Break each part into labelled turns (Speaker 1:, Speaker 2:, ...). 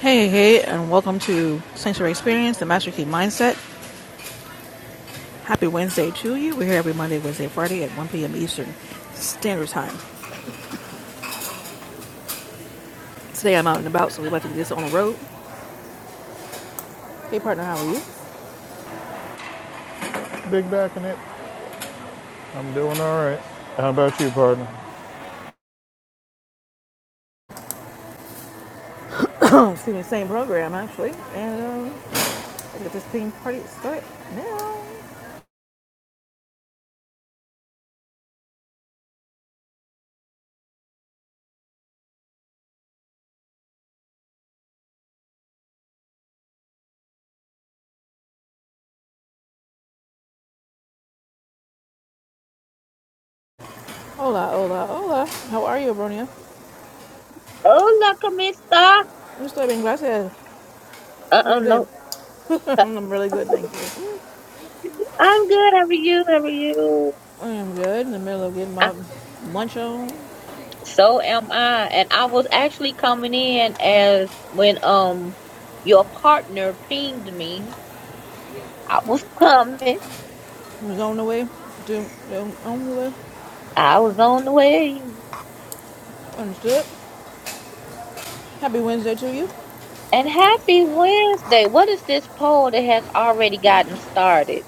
Speaker 1: Hey, hey, and welcome to Sanctuary Experience, the Master Key Mindset. Happy Wednesday to you. We're here every Monday, Wednesday, Friday at 1 p.m. Eastern Standard Time. Today I'm out and about, so we're about to do this on the road. Hey, partner, how are you?
Speaker 2: Big back in it. I'm doing all right. How about you, partner?
Speaker 1: Oh, excuse me, same program, actually. And um, let's get this theme party started now. Hola, hola, hola. How are you, Bronia?
Speaker 3: Oh, Nakamista.
Speaker 1: I'm still being gracias. How's
Speaker 3: Uh-uh,
Speaker 1: your day?
Speaker 3: no. I'm
Speaker 1: I'm really good, thank you.
Speaker 3: good. How are you? How are you?
Speaker 1: I am good. In the middle of getting
Speaker 3: I,
Speaker 1: my lunch on. I
Speaker 3: so am I. And I was actually coming in as when um your partner pinged me. I was coming.
Speaker 1: was on the way. Do, on the way.
Speaker 3: I was on the way.
Speaker 1: Understood. Happy Wednesday to you.
Speaker 3: And happy Wednesday. What is this poll that has already gotten started?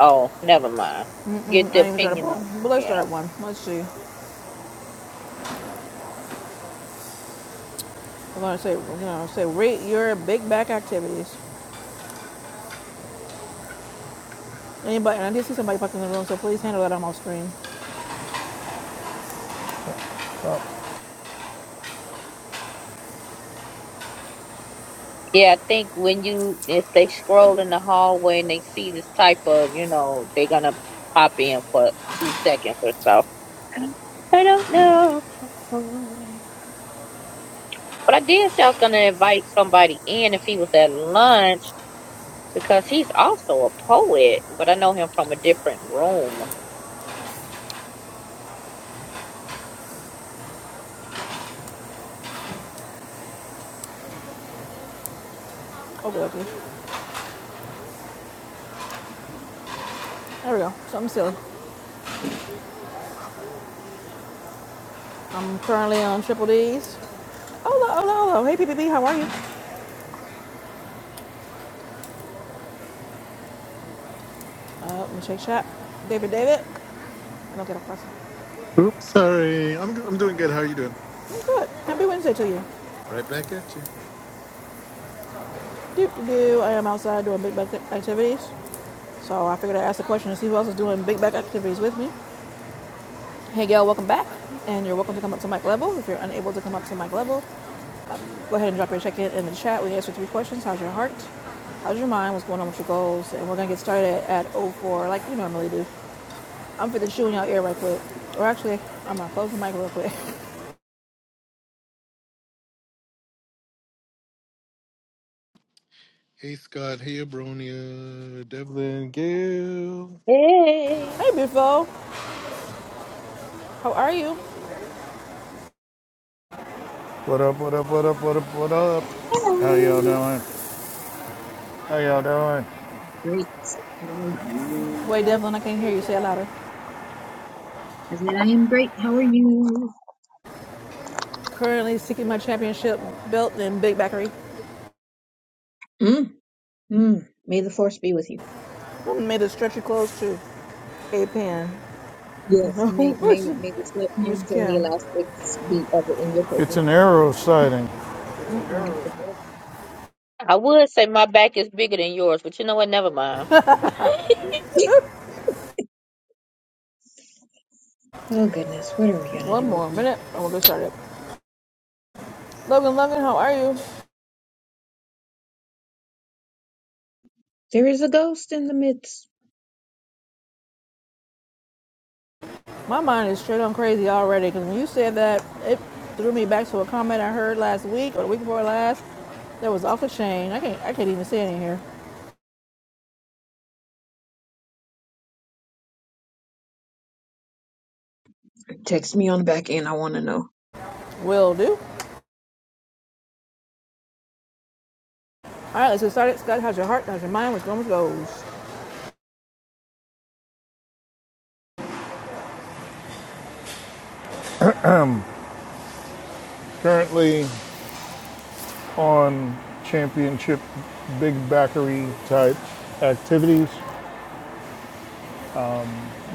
Speaker 3: Oh, never mind. Get
Speaker 1: Mm,
Speaker 3: the
Speaker 1: I ain't even started a
Speaker 3: opinion
Speaker 1: poll,
Speaker 3: on.
Speaker 1: but let's
Speaker 3: it.
Speaker 1: start one. Let's see. I'm gonna say, you know, say rate your big back activities. Anybody? And I did see somebody fucking in the room, so please handle that on my screen.
Speaker 3: Yeah, I think when you if they scroll in the hallway and they see this type of, you know, they're gonna pop in for two seconds or so. I don't know. But I did say I was gonna invite somebody in if he was at lunch because he's also a poet, but I know him from a different room.
Speaker 1: Okay, okay. There we go. Something silly. I'm currently on triple D's. Hello, hello, hello. Hey, P P P. how are you? Uh, let me shake chat. David, David. I don't get a question.
Speaker 4: Oops, sorry. I'm I'm doing good. How are you doing?
Speaker 1: I'm good. Happy Wednesday to you.
Speaker 4: Right back at you.
Speaker 1: Do do. I am outside doing big back activities. So I figured I'd ask the question and see who else is doing big back activities with me. Hey Gail, welcome back. And you're welcome to come up to mic level. If you're unable to come up to mic level, go ahead and drop your check-in in the chat. We answer three questions. How's your heart? How's your mind? What's going on with your goals? And we're gonna get started at oh 04 like we normally do. I'm finna chew in your ear right quick. Or actually, I'm gonna close the mic real quick.
Speaker 4: Hey Scott. Hey Abronia. Devlin. Gail.
Speaker 3: Hey.
Speaker 1: Hey beautiful, how are you?
Speaker 2: What up, what up, what up, what up, what up? How y'all
Speaker 5: Hello.
Speaker 2: doing? How y'all doing?
Speaker 5: Great. How are
Speaker 1: Wait,
Speaker 5: you?
Speaker 1: Devlin, I can't hear you. Say it louder.
Speaker 5: I said, I am great. How are you?
Speaker 1: Currently seeking my championship belt in Big Bakery.
Speaker 5: Mm, mm. May the force be with you.
Speaker 1: Woman made a stretchy clothes too. A pen.
Speaker 5: Yes. May
Speaker 1: No
Speaker 5: may
Speaker 1: person.
Speaker 5: may the
Speaker 1: Miss
Speaker 5: sweatpants and the
Speaker 1: Kim.
Speaker 5: elastics be ever in your
Speaker 2: It's
Speaker 5: favor.
Speaker 2: an arrow sighting.
Speaker 3: I would say my back is bigger than yours, but you know what? Never mind.
Speaker 5: Oh goodness, what are we gonna do
Speaker 1: One
Speaker 5: with
Speaker 1: more
Speaker 5: you?
Speaker 1: minute and we'll get started. Logan, Logan, how are you?
Speaker 5: There is a ghost in the midst.
Speaker 1: My mind is straight on crazy already because when you said that, it threw me back to a comment I heard last week or the week before last. That was off the chain. I can't, I can't even see it in here.
Speaker 5: Text me on the back end. I want to know.
Speaker 1: Will do. All right, let's get started. Scott, how's your heart? How's your mind? What's going with goes?
Speaker 2: Currently on championship big backery type activities.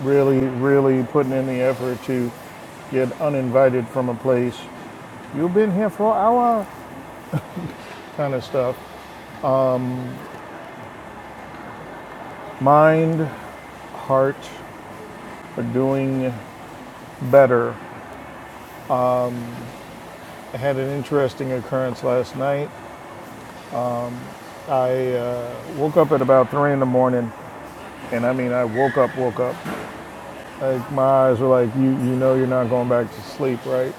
Speaker 2: Really, really putting in the effort to get uninvited from a place. You've been here for an hour kind of stuff. Mind, heart are doing better I had an interesting occurrence last night. I uh, woke up at about three in the morning, and I mean, I woke up, woke up. Like my eyes were like, you, you know, you're not going back to sleep, right?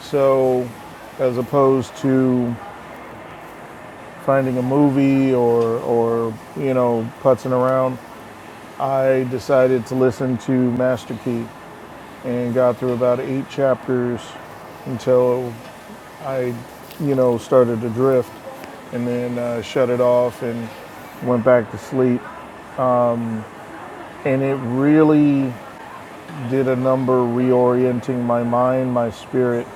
Speaker 2: So, as opposed to finding a movie or or you know putzing around, I decided to listen to Master Key and got through about eight chapters until I, you know, started to drift and then uh, shut it off and went back to sleep. And it really did a number reorienting my mind, my spirit,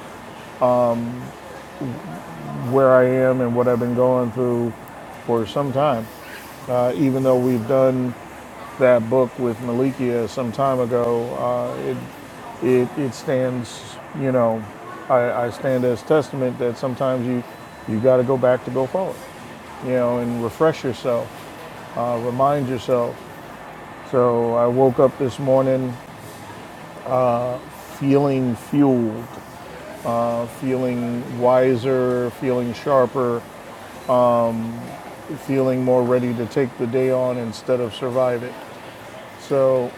Speaker 2: where I am and what I've been going through for some time. Uh, even though we've done that book with Malikia some time ago, uh, it, it, it stands, you know, I, I stand as testament that sometimes you, you got to go back to go forward, you know, and refresh yourself, uh, remind yourself So I woke up this morning feeling fueled, feeling wiser, feeling sharper, feeling more ready to take the day on instead of survive it. So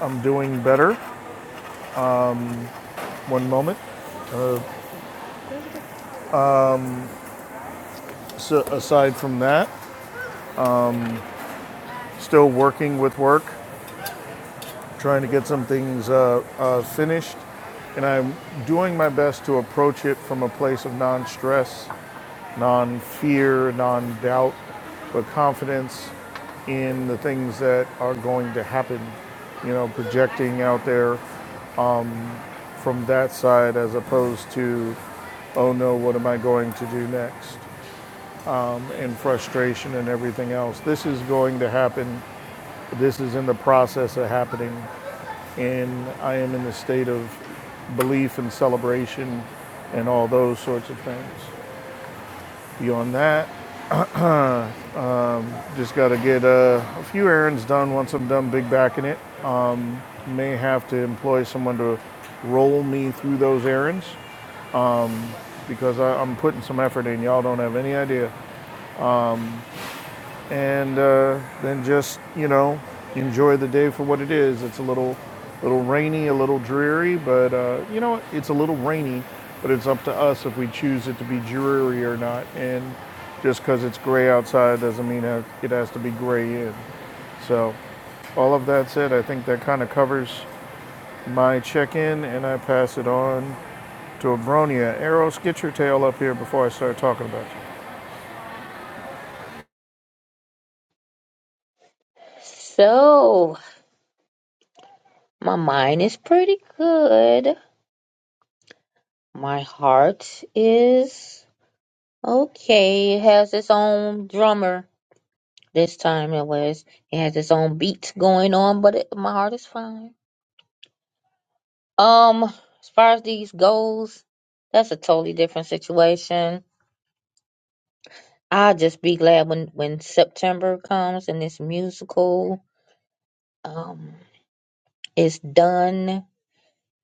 Speaker 2: I'm doing better, one moment. So aside from that, still working with work, trying to get some things uh, uh, finished. And I'm doing my best to approach it from a place of non stress non fear, non doubt, but confidence in the things that are going to happen, you know, projecting out there from that side as opposed to, oh no, what am I going to do next? And frustration and everything else. This is going to happen. This is in the process of happening. And I am in the state of belief and celebration and all those sorts of things. Beyond that, Just got to get uh, a few errands done once I'm done big backing it. May have to employ someone to roll me through those errands because I, I'm putting some effort in. Y'all don't have any idea. And uh, then just, you know, enjoy the day for what it is. It's a little, little rainy, a little dreary, but uh, you know, it's a little rainy, but it's up to us if we choose it to be dreary or not. And just because it's gray outside doesn't mean it has to be gray in. So all of that said, I think that kind of covers my check-in, and I pass it on to Abronia. Eros, get your tail up here before I start talking about you.
Speaker 3: So my mind is pretty good. My heart is Okay, it has its own drummer this time. It was it has its own beat going on, but it, my heart is fine. Um, as far as these goals, that's a totally different situation. I'll just be glad when when September comes and this musical um is done.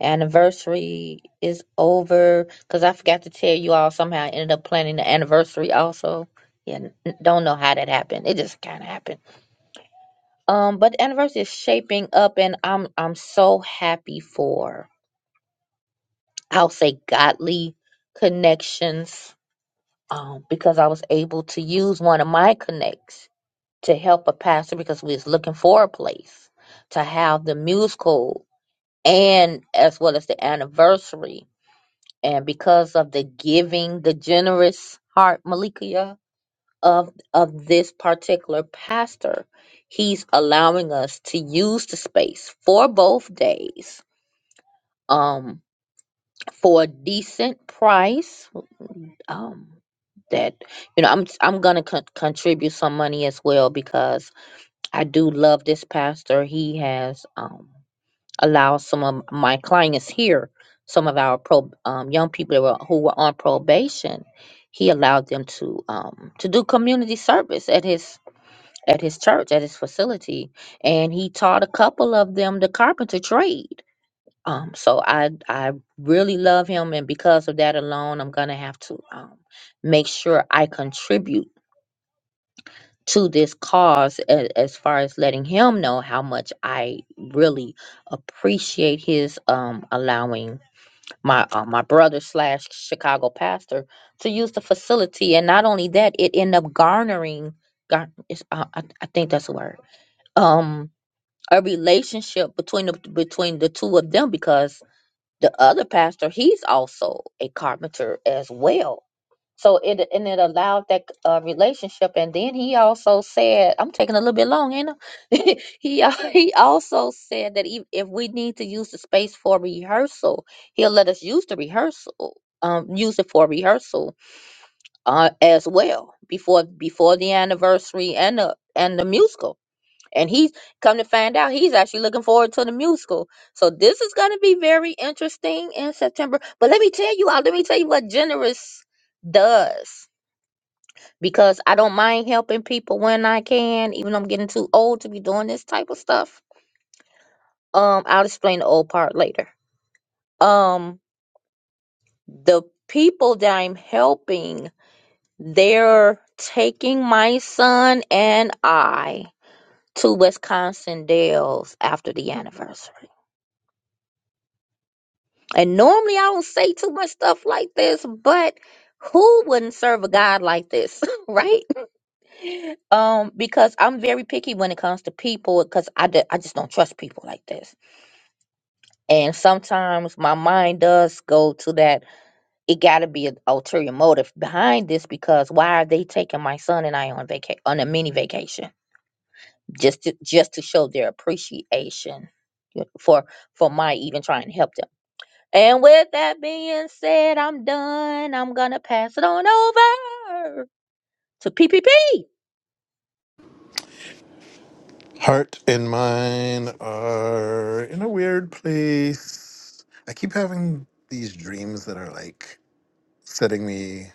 Speaker 3: Anniversary is over because I forgot to tell you all. Somehow I ended up planning the anniversary also. Yeah, n- don't know how that happened. It just kind of happened Um, but the anniversary is shaping up, and I'm I'm so happy for I'll say godly connections. Um, because I was able to use one of my connects to help a pastor because we was looking for a place to have the musical and as well as the anniversary. And because of the giving, the generous heart, Malikia, of of this particular pastor he's allowing us to use the space for both days um for a decent price um that you know i'm i'm gonna con- contribute some money as well because i do love this pastor he has um allowed some of my clients here some of our pro um, young people that were, who were on probation he allowed them to um to do community service at his at his church, at his facility, and he taught a couple of them the carpenter trade. Um, so I I really love him, and because of that alone, I'm gonna have to um, make sure I contribute to this cause as, as far as letting him know how much I really appreciate his um allowing my uh, my brother slash Chicago pastor to use the facility, and not only that, it ended up garnering. Gar- it's, uh, I, I think that's the word. Um, a relationship between the between the two of them because the other pastor he's also a carpenter as well so it and it allowed that uh, relationship and then he also said i'm taking a little bit long ain't I? he al- he also said that if, if we need to use the space for rehearsal he'll let us use the rehearsal um use it for rehearsal uh as well before before the anniversary and the and the musical and he's come to find out he's actually looking forward to the musical. So this is going to be very interesting in September. But let me tell you all, let me tell you what generous does because I don't mind helping people when I can, even though I'm getting too old to be doing this type of stuff. Um, I'll explain the old part later. Um, the people that I'm helping, they're taking my son and I to Wisconsin Dells after the anniversary. And normally I don't say too much stuff like this, but who wouldn't serve a God like this, right? Um, because I'm very picky when it comes to people because I, d- I just don't trust people like this. And sometimes my mind does go to that, it got to be an ulterior motive behind this because why are they taking my son and I on vaca- on a mini vacation just to, just to show their appreciation you know, for for my even trying to help them And with that being said, I'm done. I'm gonna pass it on over to PPP.
Speaker 4: Heart and mine are in a weird place. I keep having these dreams that are like setting me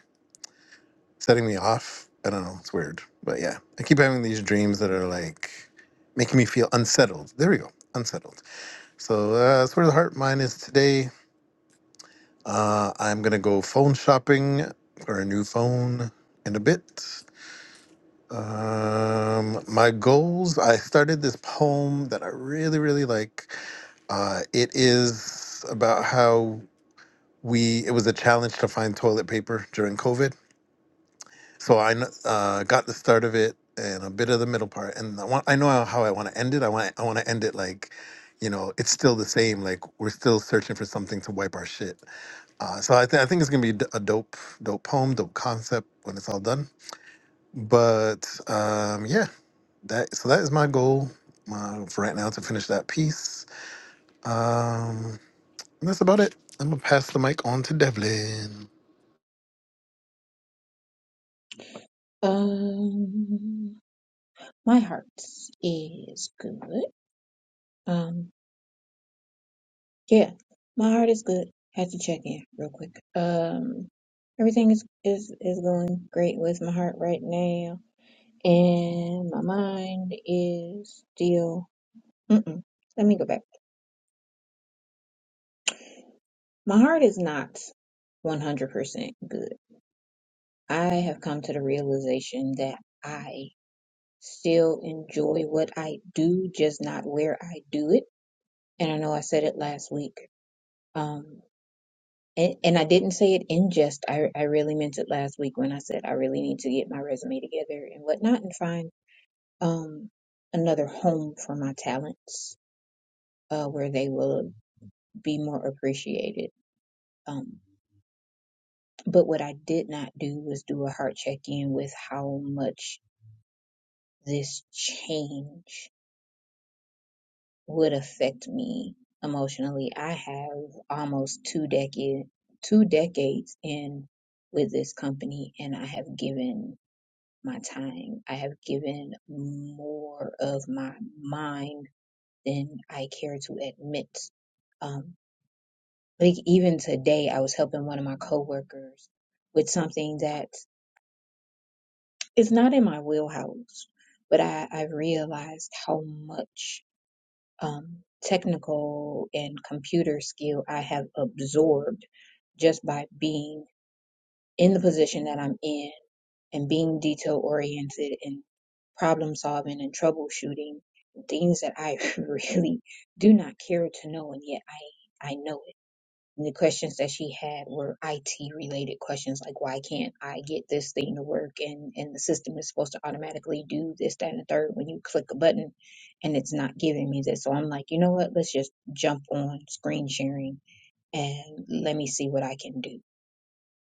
Speaker 4: setting me off. I don't know. It's weird, but yeah, I keep having these dreams that are like making me feel unsettled. There we go. Unsettled. So uh, that's where the heart and mine is today. Uh, I'm gonna go phone shopping for a new phone in a bit. Um, my goals. I started this poem that I really, really like. Uh, it is about how we. It was a challenge to find toilet paper during COVID, so I kn- uh, got the start of it and a bit of the middle part, and I want. I know how I want to end it. I want. I want to end it like, you know, it's still the same. Like we're still searching for something to wipe our shit uh, so I, th- I think it's gonna be d- a dope, dope poem, dope concept when it's all done. But um, yeah, that so that is my goal uh, for right now to finish that piece. Um, and that's about it. I'm gonna pass the mic on to Devlin.
Speaker 5: Um, my heart is good. Um, Yeah, my heart is good. Had to check in real quick. Um, everything is is is going great with my heart right now, and my mind is still. Mm-mm. Let me go back. My heart is not one hundred percent good. I have come to the realization that I still enjoy what I do, just not where I do it. And I know I said it last week. Um. And, and I didn't say it in jest. I, I really meant it last week when I said I really need to get my resume together and whatnot and find um another home for my talents uh, where they will be more appreciated. Um, but what I did not do was do a heart check in with how much this change would affect me emotionally. I have almost two decade two decades in with this company, and I have given my time. I have given more of my mind than I care to admit. Um, like even today, I was helping one of my coworkers with something that is not in my wheelhouse, but I, I realized how much um, technical and computer skill I have absorbed just by being in the position that I'm in and being detail oriented and problem solving and troubleshooting things that I really do not care to know and yet I I know it. And the questions that she had were IT related questions like why can't I get this thing to work and and the system is supposed to automatically do this that and the third when you click a button and it's not giving me this. So I'm like, you know what? Let's just jump on screen sharing and let me see what I can do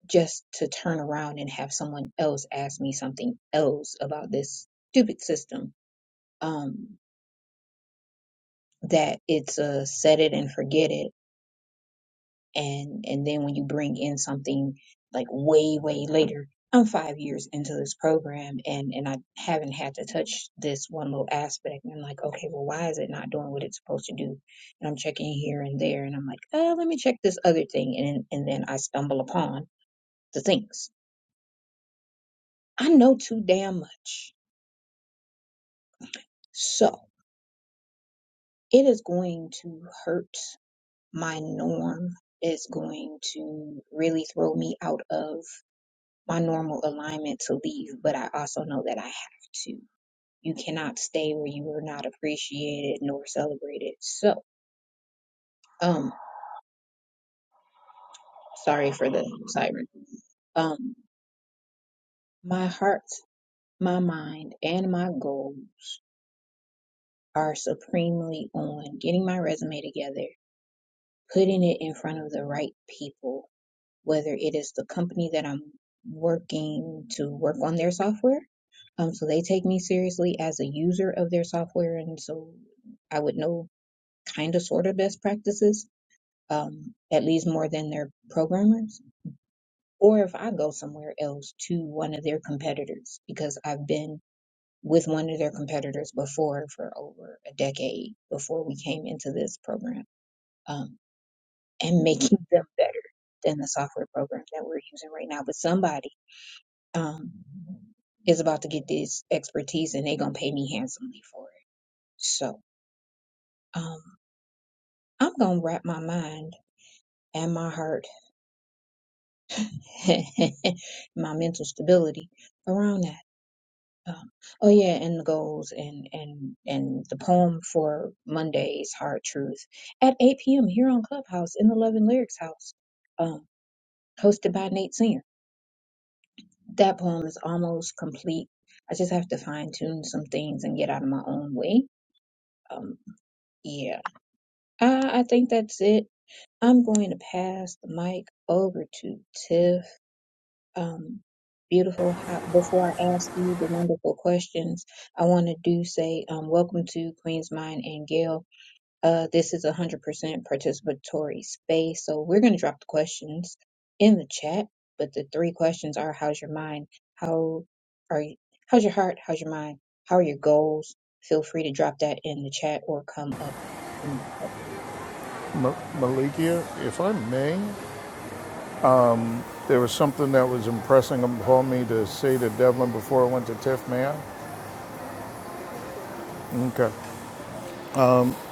Speaker 5: just to turn around and have someone else ask me something else about this stupid system um that it's a set it and forget it and and then when you bring in something like way way later i'm five years into this program and and i haven't had to touch this one little aspect and i'm like okay well why is it not doing what it's supposed to do and i'm checking here and there and i'm like oh, let me check this other thing and and then i stumble upon the things i know too damn much So it is going to hurt my norm. It's going to really throw me out of my normal alignment to leave, but I also know that I have to. You cannot stay where you are not appreciated nor celebrated. So, um, sorry for the siren. Um, my heart, my mind, and my goals are supremely on getting my resume together, putting it in front of the right people, whether it is the company that I'm working to work on their software. Um, so they take me seriously as a user of their software, and so I would know kind of sort of best practices, um, at least more than their programmers. Or if I go somewhere else to one of their competitors, because I've been with one of their competitors before for over a decade before we came into this program, um, and making them better than the software program that we're using right now. But somebody um, is about to get this expertise and they're going to pay me handsomely for it. So um, I'm going to wrap my mind and my heart, my mental stability around that. Um, oh yeah, and the goals and and and the poem for Monday's Hard Truth at 8 p.m. here on Clubhouse in the Love and Lyrics House, um, hosted by Nate Singer. That poem is almost complete. I just have to fine tune some things and get out of my own way. Um, yeah. Uh, I think that's it. I'm going to pass the mic over to Tiff. Um, beautiful. How, before I ask you the wonderful questions, I want to do say um, welcome to Queen's Mind and Gail. Uh, this is a 100% participatory space, so we're going to drop the questions in the chat. But the three questions are: How's your mind? How are you? How's your heart? How's your mind? How are your goals? Feel free to drop that in the chat or come up.
Speaker 2: Ma- Malikia, if I may, there was something that was impressing upon me to say to Devlin before I went to TIFF, may I? Okay.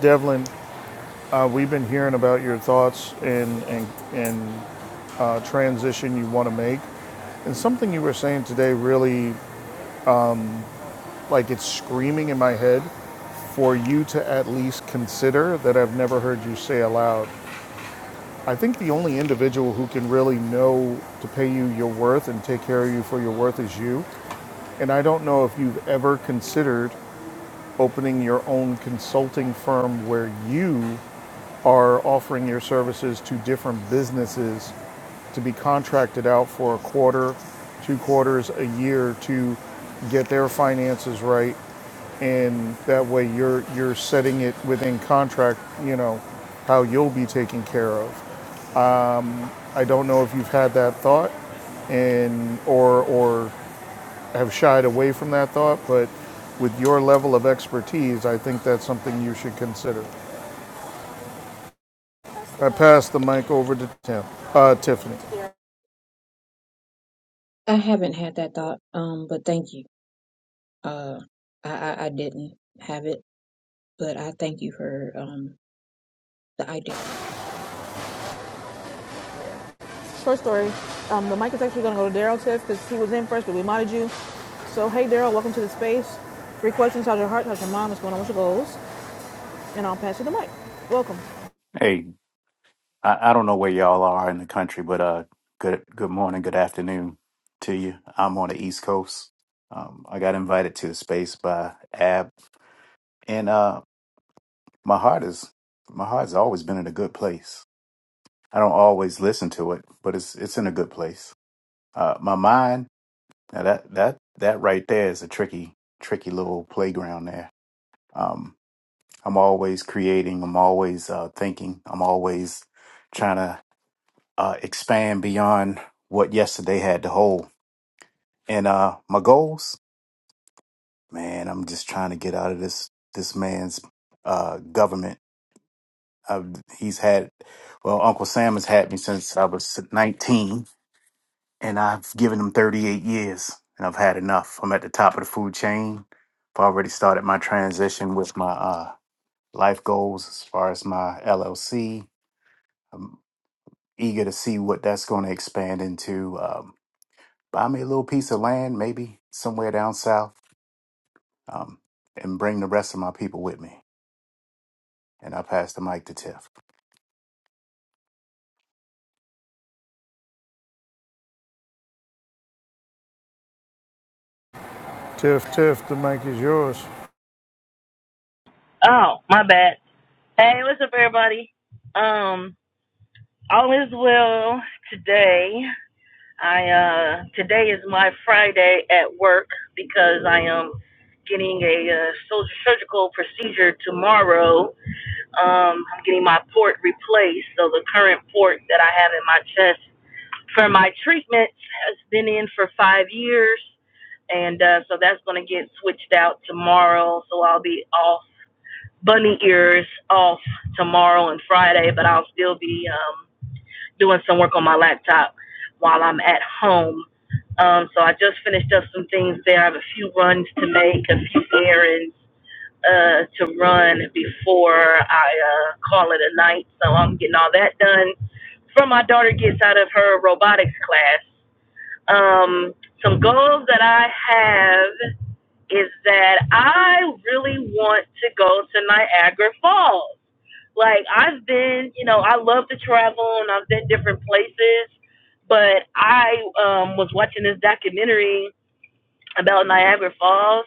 Speaker 2: Devlin, uh, we've been hearing about your thoughts and, and, and uh, transition you want to make. And something you were saying today really Like it's screaming in my head for you to at least consider that I've never heard you say aloud. I think the only individual who can really know to pay you your worth and take care of you for your worth is you. And I don't know if you've ever considered opening your own consulting firm where you are offering your services to different businesses to be contracted out for a quarter, two quarters, a year to get their finances right and that way you're you're setting it within contract, you know, how you'll be taken care of. I don't know if you've had that thought and or or have shied away from that thought, but with your level of expertise, I think that's something you should consider. I pass the mic over to Tim, uh, Tiffany.
Speaker 5: I haven't had that thought, um, but thank you. Uh, I, I, I didn't have it, but I thank you for um the idea.
Speaker 1: Short story. Um, the mic is actually going to go to Daryl Tiff because he was in first, but we modded you. So, hey, Daryl, welcome to the space. Three questions. How's your heart? How's your mind? What's going on with your goals? And I'll pass you the mic. Welcome.
Speaker 6: Hey, I, I don't know where y'all are in the country, but uh, good good morning, good afternoon to you. I'm on the East Coast. Um, I got invited to the space by Ab, and uh, my heart is my heart's always been in a good place. I don't always listen to it, but it's it's in a good place. Uh, my mind now that that that right there is a tricky tricky little playground there. Um, I'm always creating. I'm always uh, thinking. I'm always trying to uh, expand beyond what yesterday had to hold. And uh, my goals, man, I'm just trying to get out of this this man's uh, government. Uh, he's had, well, Uncle Sam has had me since I was 19, and I've given him 38 years, and I've had enough. I'm at the top of the food chain. I've already started my transition with my uh, life goals as far as my LLC. I'm eager to see what that's going to expand into. Um, buy me a little piece of land, maybe somewhere down south, um, and bring the rest of my people with me. And I pass the mic to Tiff.
Speaker 2: Tiff, Tiff, the mic is yours.
Speaker 7: Oh, my bad. Hey, what's up, everybody? Um, all is well today. I uh, today is my Friday at work because I am getting a uh, sol- surgical procedure tomorrow. Um, I'm getting my port replaced, so the current port that I have in my chest for my treatment has been in for five years, and uh, so that's going to get switched out tomorrow. So I'll be off bunny ears off tomorrow and Friday, but I'll still be um, doing some work on my laptop while I'm at home. Um, so I just finished up some things there. I have a few runs to make, a few errands uh, to run before I uh, call it a night. So I'm getting all that done. From my daughter gets out of her robotics class. Um, some goals that I have is that I really want to go to Niagara Falls. Like I've been, you know, I love to travel and I've been different places, but I um was watching this documentary about Niagara Falls,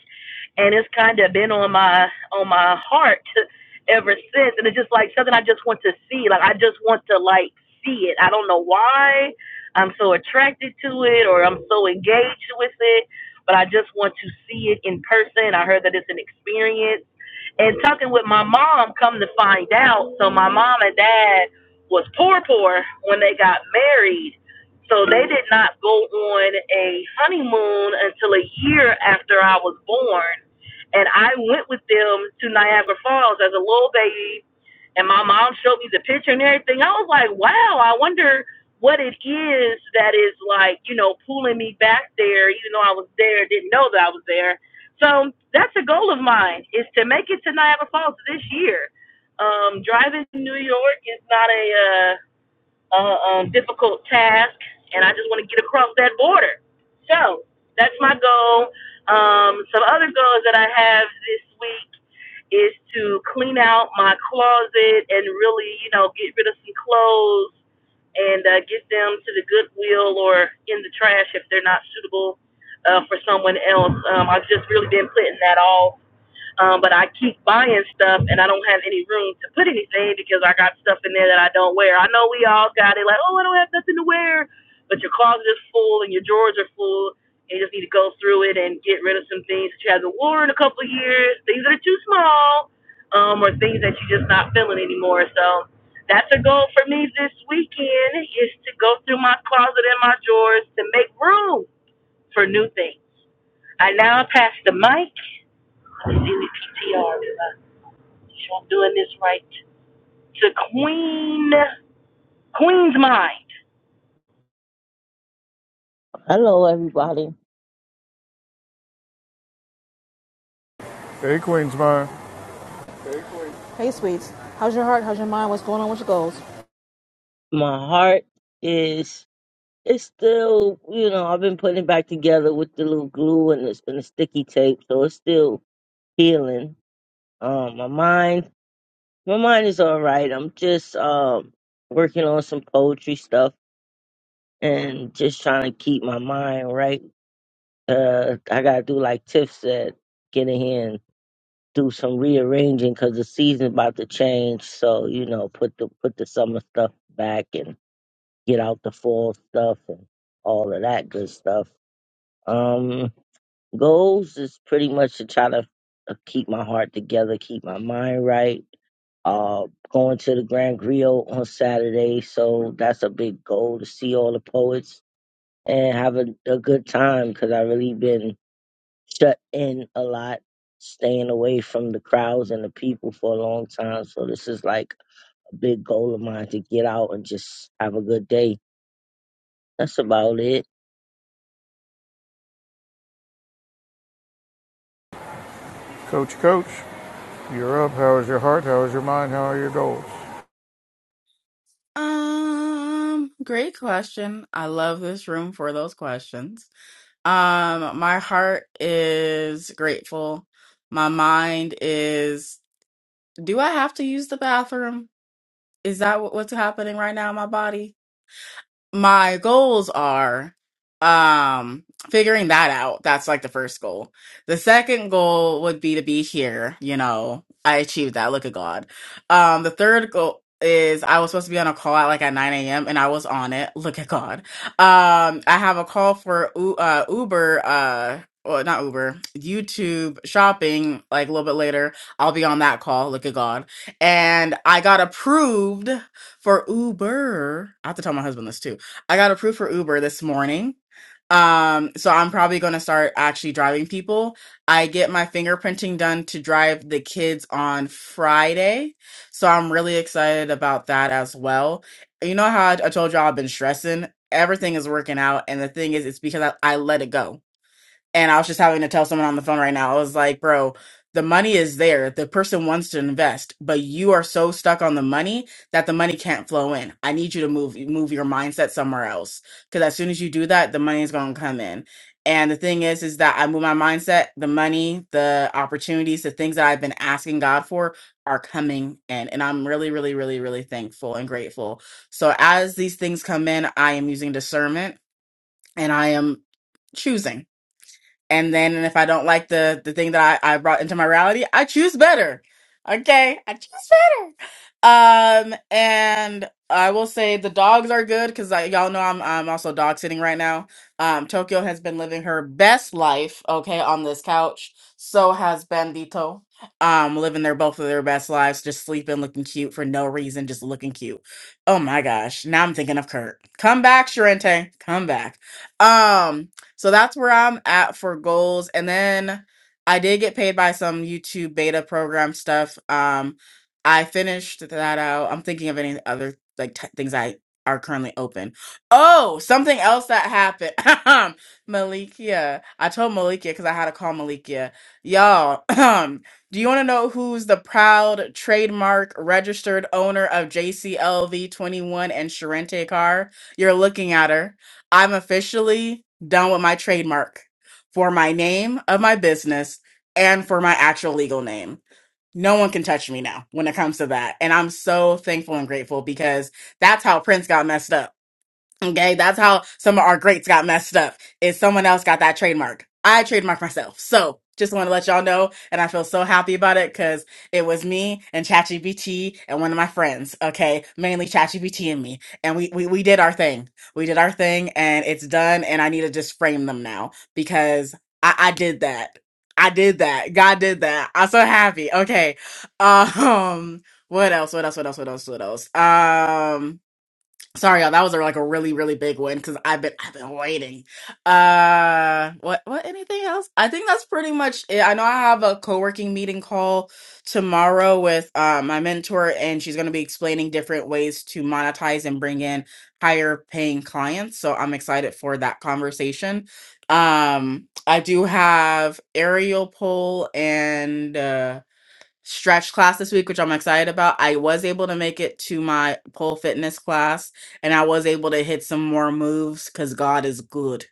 Speaker 7: and it's kind of been on my on my heart ever since. And it's just like something I just want to see. Like I just want to like see it. I don't know why I'm so attracted to it or I'm so engaged with it, but I just want to see it in person. I heard that it's an experience. And talking with my mom, come to find out, so my mom and dad was poor poor when they got married so they did not go on a honeymoon until a year after I was born. And I went with them to Niagara Falls as a little baby. And my mom showed me the picture and everything. I was like, wow, I wonder what it is that is like, you know, pulling me back there, even though I was there, didn't know that I was there. So that's a goal of mine is to make it to Niagara Falls this year. Um, driving to New York is not a uh, uh, um, difficult task, and I just want to get across that border. So that's my goal. Um, some other goals that I have this week is to clean out my closet and really, you know, get rid of some clothes and uh, get them to the Goodwill or in the trash if they're not suitable uh, for someone else. Um, I've just really been putting that all. Um, but I keep buying stuff and I don't have any room to put anything because I got stuff in there that I don't wear. I know we all got it, like, oh, I don't have nothing to wear. But your closet is full and your drawers are full. And you just need to go through it and get rid of some things that you haven't worn in a couple of years, things that are too small, um, or things that you're just not feeling anymore. So that's a goal for me this weekend is to go through my closet and my drawers to make room for new things. I now pass the mic Cecilia PTR. She on doing this right to Queen Queen's Mind.
Speaker 8: Hello, everybody.
Speaker 2: Hey, Queen's mine.
Speaker 1: Hey, sweets. How's your heart? How's your mind? What's going on with your goals?
Speaker 8: My heart is it's still, you know, I've been putting it back together with the little glue and the, and the sticky tape, so it's still healing. Um, my mind, my mind is all right. I'm just um working on some poetry stuff and just trying to keep my mind right. Uh, I gotta do like Tiff said, get in here and do some rearranging because the season's about to change. So you know, put the put the summer stuff back and. get out the fall stuff and all of that good stuff. Um, goals is pretty much to try to uh, keep my heart together, keep my mind right. Uh, going to the Grand Griot on Saturday, so that's a big goal to see all the poets and have a, a good time because I really been shut in a lot, staying away from the crowds and the people for a long time. So this is like a big goal of mine to get out and just have a good day. That's about it.
Speaker 2: Coach, Coach, you're up. How is your heart? How is your mind? How are your goals?
Speaker 9: Um, great question. I love this room for those questions. Um, my heart is grateful. My mind is, do I have to use the bathroom? Is that what- what's happening right now in my body? my goals are um figuring that out that's like the first goal the second goal would be to be here you know i achieved that look at god um the third goal is i was supposed to be on a call at like at 9 a.m and i was on it look at god um i have a call for U- uh uber uh well, not Uber, YouTube shopping, like a little bit later. I'll be on that call. Look at God. And I got approved for Uber. I have to tell my husband this too I got approved for Uber this morning. Um, so I'm probably going to start actually driving people. I get my fingerprinting done to drive the kids on Friday. So I'm really excited about that as well. You know how I, I told y'all I've been stressing? Everything is working out. And the thing is, it's because I, I let it go. And I was just having to tell someone on the phone right now, I was like, bro, the money is there. The person wants to invest, but you are so stuck on the money that the money can't flow in. I need you to move move your mindset somewhere else. Cause as soon as you do that, the money is gonna come in. And the thing is, is that I move my mindset, the money, the opportunities, the things that I've been asking God for are coming in. And I'm really, really, really, really thankful and grateful. So as these things come in, I am using discernment and I am choosing and then if I don't like the the thing that I, I brought into my reality, I choose better. Okay, I choose better. Um, and I will say the dogs are good because y'all know I'm I'm also dog sitting right now. Um, Tokyo has been living her best life. Okay, on this couch. So has Bandito. Um, living their both of their best lives, just sleeping, looking cute for no reason, just looking cute. Oh my gosh! Now I'm thinking of Kurt. Come back, Sharente. Come back. Um. So that's where I'm at for goals. And then I did get paid by some YouTube beta program stuff. Um, I finished that out. I'm thinking of any other like t- things I are currently open. Oh, something else that happened. Malikia. I told Malikia because I had to call Malikia. Y'all, do you want to know who's the proud trademark registered owner of JCLV 21 and Sharente Car? You're looking at her. I'm officially done with my trademark for my name of my business and for my actual legal name. No one can touch me now when it comes to that. And I'm so thankful and grateful because that's how Prince got messed up Okay, that's how some of our greats got messed up. Is someone else got that trademark? I trademarked myself. So just want to let y'all know, and I feel so happy about it because it was me and ChatGPT and one of my friends. Okay, mainly ChatGPT and me, and we, we we did our thing. We did our thing, and it's done. And I need to just frame them now because I, I did that. I did that. God did that. I'm so happy. Okay. Um. What else? What else? What else? What else? What else? What else? Um. Sorry, y'all. That was a, like a really, really big one because I've been I've been waiting. Uh, what what? Anything else? I think that's pretty much it. I know I have a co-working meeting call tomorrow with uh, my mentor, and she's going to be explaining different ways to monetize and bring in higher paying clients. So I'm excited for that conversation. Um, I do have aerial pole and uh, stretch class this week, which I'm excited about. I was able to make it to my pole fitness class and I was able to hit some more moves because God is good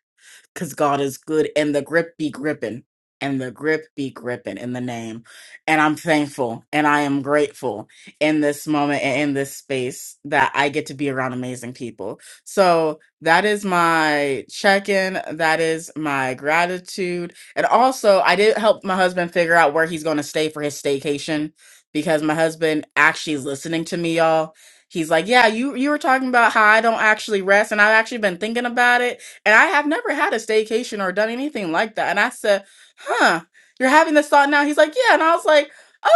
Speaker 9: because God is good and the grip be gripping and the grip be gripping in the name. And I'm thankful and I am grateful in this moment and in this space that I get to be around amazing people. So that is my check in. That is my gratitude. And also, I did help my husband figure out where he's going to stay for his staycation because my husband actually is listening to me, y'all he's like, "Yeah, you you were talking about how I don't actually rest, and I've actually been thinking about it." And I have never had a staycation or done anything like that. And I said, huh, you're having this thought now? He's like, yeah. And I was like,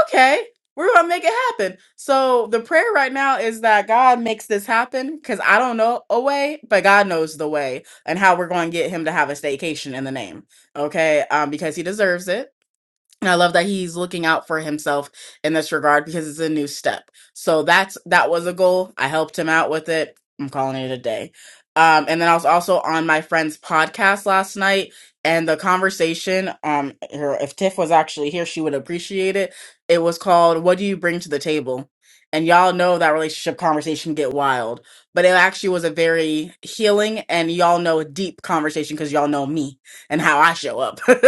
Speaker 9: okay, we're going to make it happen. So the prayer right now is that God makes this happen because I don't know a way, but God knows the way and how we're going to get him to have a staycation in the name. Okay. Um, because he deserves it and I love that he's looking out for himself in this regard because it's a new step. So that's that was a goal. I helped him out with it. I'm calling it a day. Um, and then I was also on my friend's podcast last night, and the conversation, um, her, if Tiff was actually here, she would appreciate it. It was called "What Do You Bring to the Table?" And y'all know that relationship conversation get wild, but it actually was a very healing and y'all know deep conversation because y'all know me and how I show up.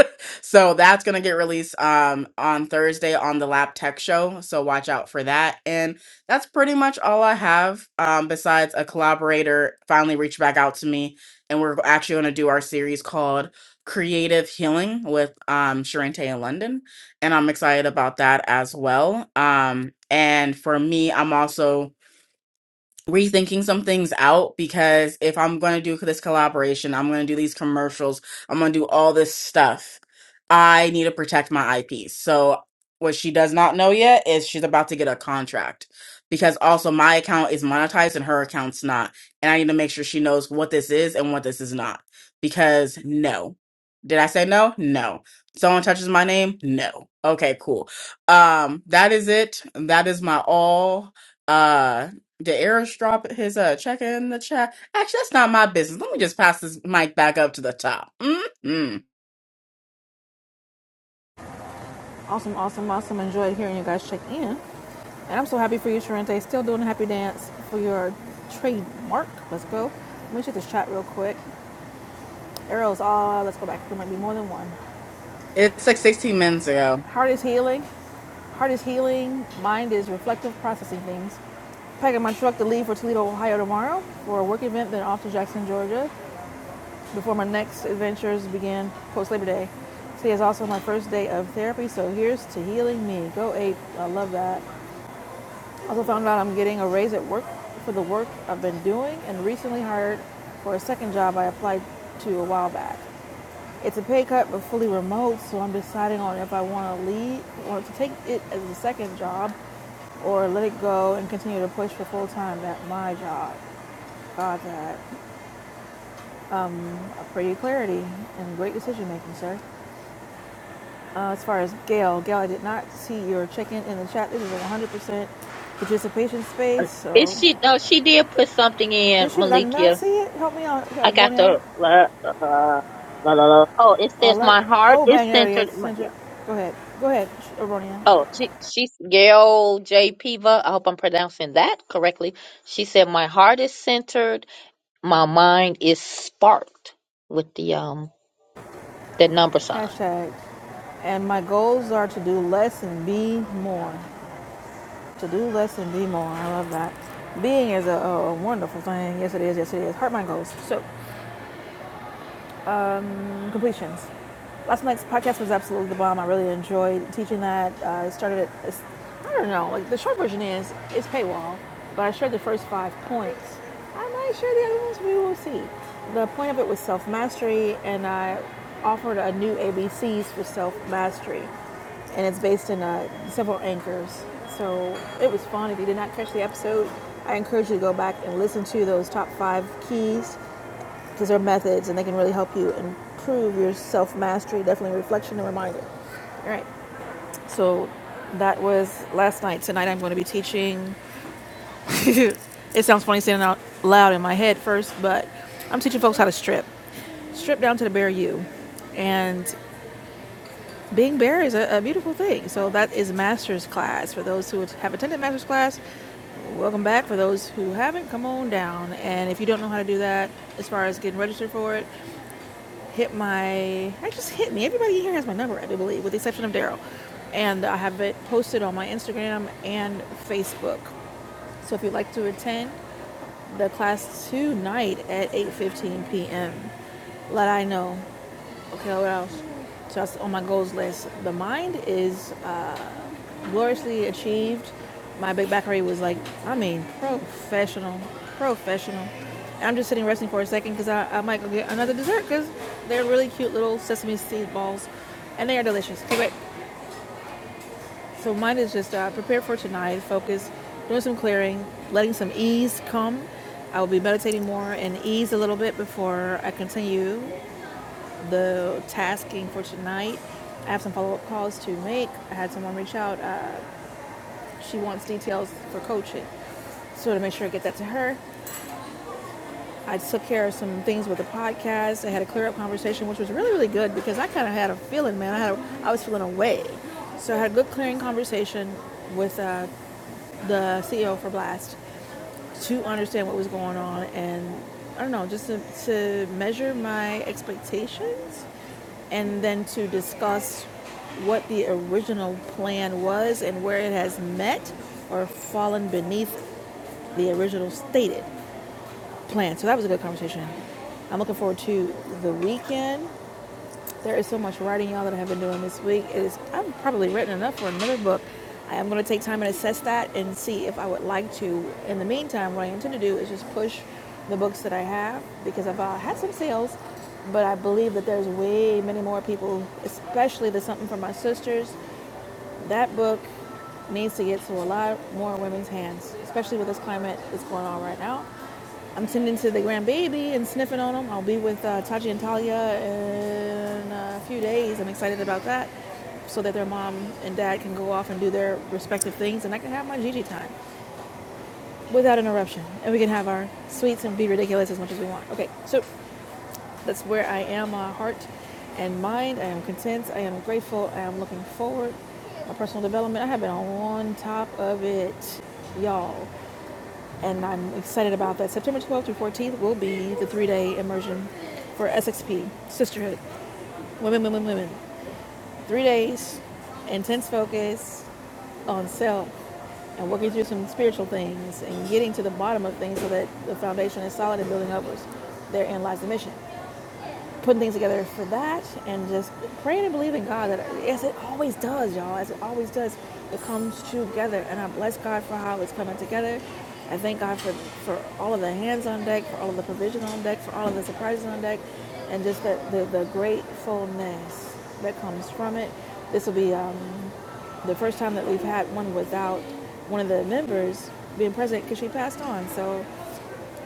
Speaker 9: so that's gonna get released um on Thursday on the Lab Tech Show. So watch out for that. And that's pretty much all I have. Um, besides a collaborator finally reached back out to me, and we're actually gonna do our series called Creative Healing with um Sharente in London, and I'm excited about that as well. Um, and for me, I'm also rethinking some things out because if I'm going to do this collaboration, I'm going to do these commercials, I'm going to do all this stuff. I need to protect my IP. So what she does not know yet is she's about to get a contract because also my account is monetized and her account's not. And I need to make sure she knows what this is and what this is not because no. Did I say no? No. Someone touches my name? No. Okay, cool. Um that is it. That is my all. Uh, did Erish drop his uh check in the chat? Actually, that's not my business. Let me just pass this mic back up to the top. Mm-hmm.
Speaker 1: Awesome, awesome, awesome. Enjoyed hearing you guys check in. And I'm so happy for you, Sharente. Still doing a happy dance for your trademark. Let's go. Let me check this chat real quick. Arrows, ah, let's go back. There might be more than one.
Speaker 9: It's like 16 minutes ago.
Speaker 1: Heart is healing. Heart is healing. Mind is reflective, processing things. Packing my truck to leave for Toledo, Ohio tomorrow for a work event, then off to Jackson, Georgia before my next adventures begin post Labor Day. Today is also my first day of therapy, so here's to healing me. Go Ape. I love that. I Also found out I'm getting a raise at work for the work I've been doing and recently hired for a second job I applied to a while back. It's a pay cut but fully remote, so I'm deciding on if I want to leave, want to take it as a second job or let it go and continue to push for full time at my job. God, that. Um, I pray you clarity and great decision making, sir. Uh, as far as Gail, Gail, I did not see your check in in the chat. This is a 100% participation space,
Speaker 3: Is
Speaker 1: so
Speaker 3: she? No, she did put something in
Speaker 1: This shit, I did not
Speaker 3: Malikia.
Speaker 1: see it. Help me out, yeah,
Speaker 3: I got
Speaker 1: Bronia.
Speaker 3: the. Uh, uh, la, la, la. Oh, it says
Speaker 1: Alert.
Speaker 3: my heart
Speaker 1: Oh,
Speaker 3: is
Speaker 1: bang area
Speaker 3: centered. my- yeah.
Speaker 1: centered. Go ahead. Go ahead, Sh- Bronia.
Speaker 3: Oh, she, she's Gail J. Piva. I hope I'm pronouncing that correctly. She said my heart is centered. My mind is sparked with the um the number sign.
Speaker 1: Hashtag. And my goals are to do less and be more. To do less and be more. I love that. Being is a, a wonderful thing. Yes, it is. Yes, it is. Heart mind goals. So um, completions. Last night's podcast was absolutely the bomb. I really enjoyed teaching that. Uh, I started it. I don't know. Like the short version is it's paywall, but I shared the first five points. I might share the other ones. We will see. The point of it was self mastery, and I offered a new ABCs for self mastery, and it's based in uh, several anchors. So it was fun. If you did not catch the episode, I encourage you to go back and listen to those top five keys these are methods and they can really help you improve your self mastery, definitely reflection and reminder. All right. So that was last night. Tonight I'm going to be teaching. it sounds funny saying out loud in my head first, but I'm teaching folks how to strip, strip down to the bare you. And being bare is a, a beautiful thing. So that is master's class. For those who have attended master's class, welcome back. For those who haven't, come on down. And if you don't know how to do that, as far as getting registered for it, hit my I just hit me. Everybody here has my number, I do believe, with the exception of Daryl. And I have it posted on my Instagram and Facebook. So if you'd like to attend the class tonight at 8:15 p.m., let I know. Okay, what else? So that's on my goals list. The mind is gloriously achieved. My big back rate was like, I mean, professional, professional. I'm just sitting resting for a second because I, I might go get another dessert because they're really cute little sesame seed balls, and they are delicious. Anyway, so mine is just uh, prepare for tonight, focus, doing some clearing, letting some ease come. I will be meditating more and ease a little bit before I continue the tasking for tonight. I have some follow up calls to make. I had someone reach out. Uh, she wants details for coaching. So to make sure I get that to her, I took care of some things with the podcast. I had a clear up conversation, which was really, really good because I kind of had a feeling, man. I had, a, I was feeling away. So I had a good clearing conversation with uh, the CEO for Blast to understand what was going on and I don't know, just to, to measure my expectations and then to discuss what the original plan was and where it has met or fallen beneath the original stated. plan. So that was a good conversation. I'm looking forward to the weekend. There is so much writing, y'all, that I have been doing this week. It is, I've probably written enough for another book. I am going to take time and assess that and see if I would like to. In the meantime, what I intend to do is just push the books that I have because I've uh, had some sales, but I believe that there's way many more people, especially the Something for My Sisters. That book needs to get to a lot more women's hands, especially with this climate that's going on right now. I'm tending to the grandbaby and sniffing on him. I'll be with uh, Taji and Talia in a few days. I'm excited about that so that their mom and dad can go off and do their respective things and I can have my Gigi time without interruption. And we can have our sweets and be ridiculous as much as we want. Okay, so that's where I am, uh, heart and mind. I am content. I am grateful. I am looking forward. My personal development, I have been on top of it, y'all and I'm excited about that. September 12th through 14th will be the three day immersion for SXP Sisterhood Women, Women, Women. Three days, intense focus on self and working through some spiritual things and getting to the bottom of things so that the foundation is solid and building upwards. Therein lies the mission putting things together for that and just praying and believing God that as it always does, y'all, as it always does, it comes together. And I bless God for how it's coming together. I thank God for, for all of the hands on deck, for all of the provision on deck, for all of the surprises on deck, and just the, the, the gratefulness that comes from it. This will be um, the first time that we've had one without one of the members being present because she passed on. So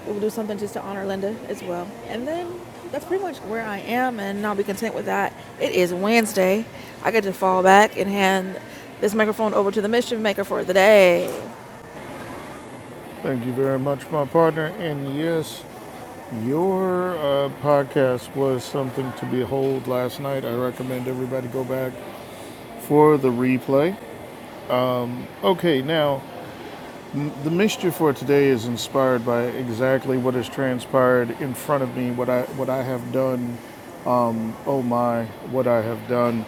Speaker 1: We'll do something just to honor Linda as well. And then that's pretty much where I am, and I'll be content with that. It is Wednesday. I get to fall back and hand this microphone over to the mischief maker for the day.
Speaker 2: Thank you very much, my partner. And yes, your uh, podcast was something to behold last night. I recommend everybody go back for the replay. Okay, now The mixture for today is inspired by exactly what has transpired in front of me, what I what I have done. Oh my, what I have done.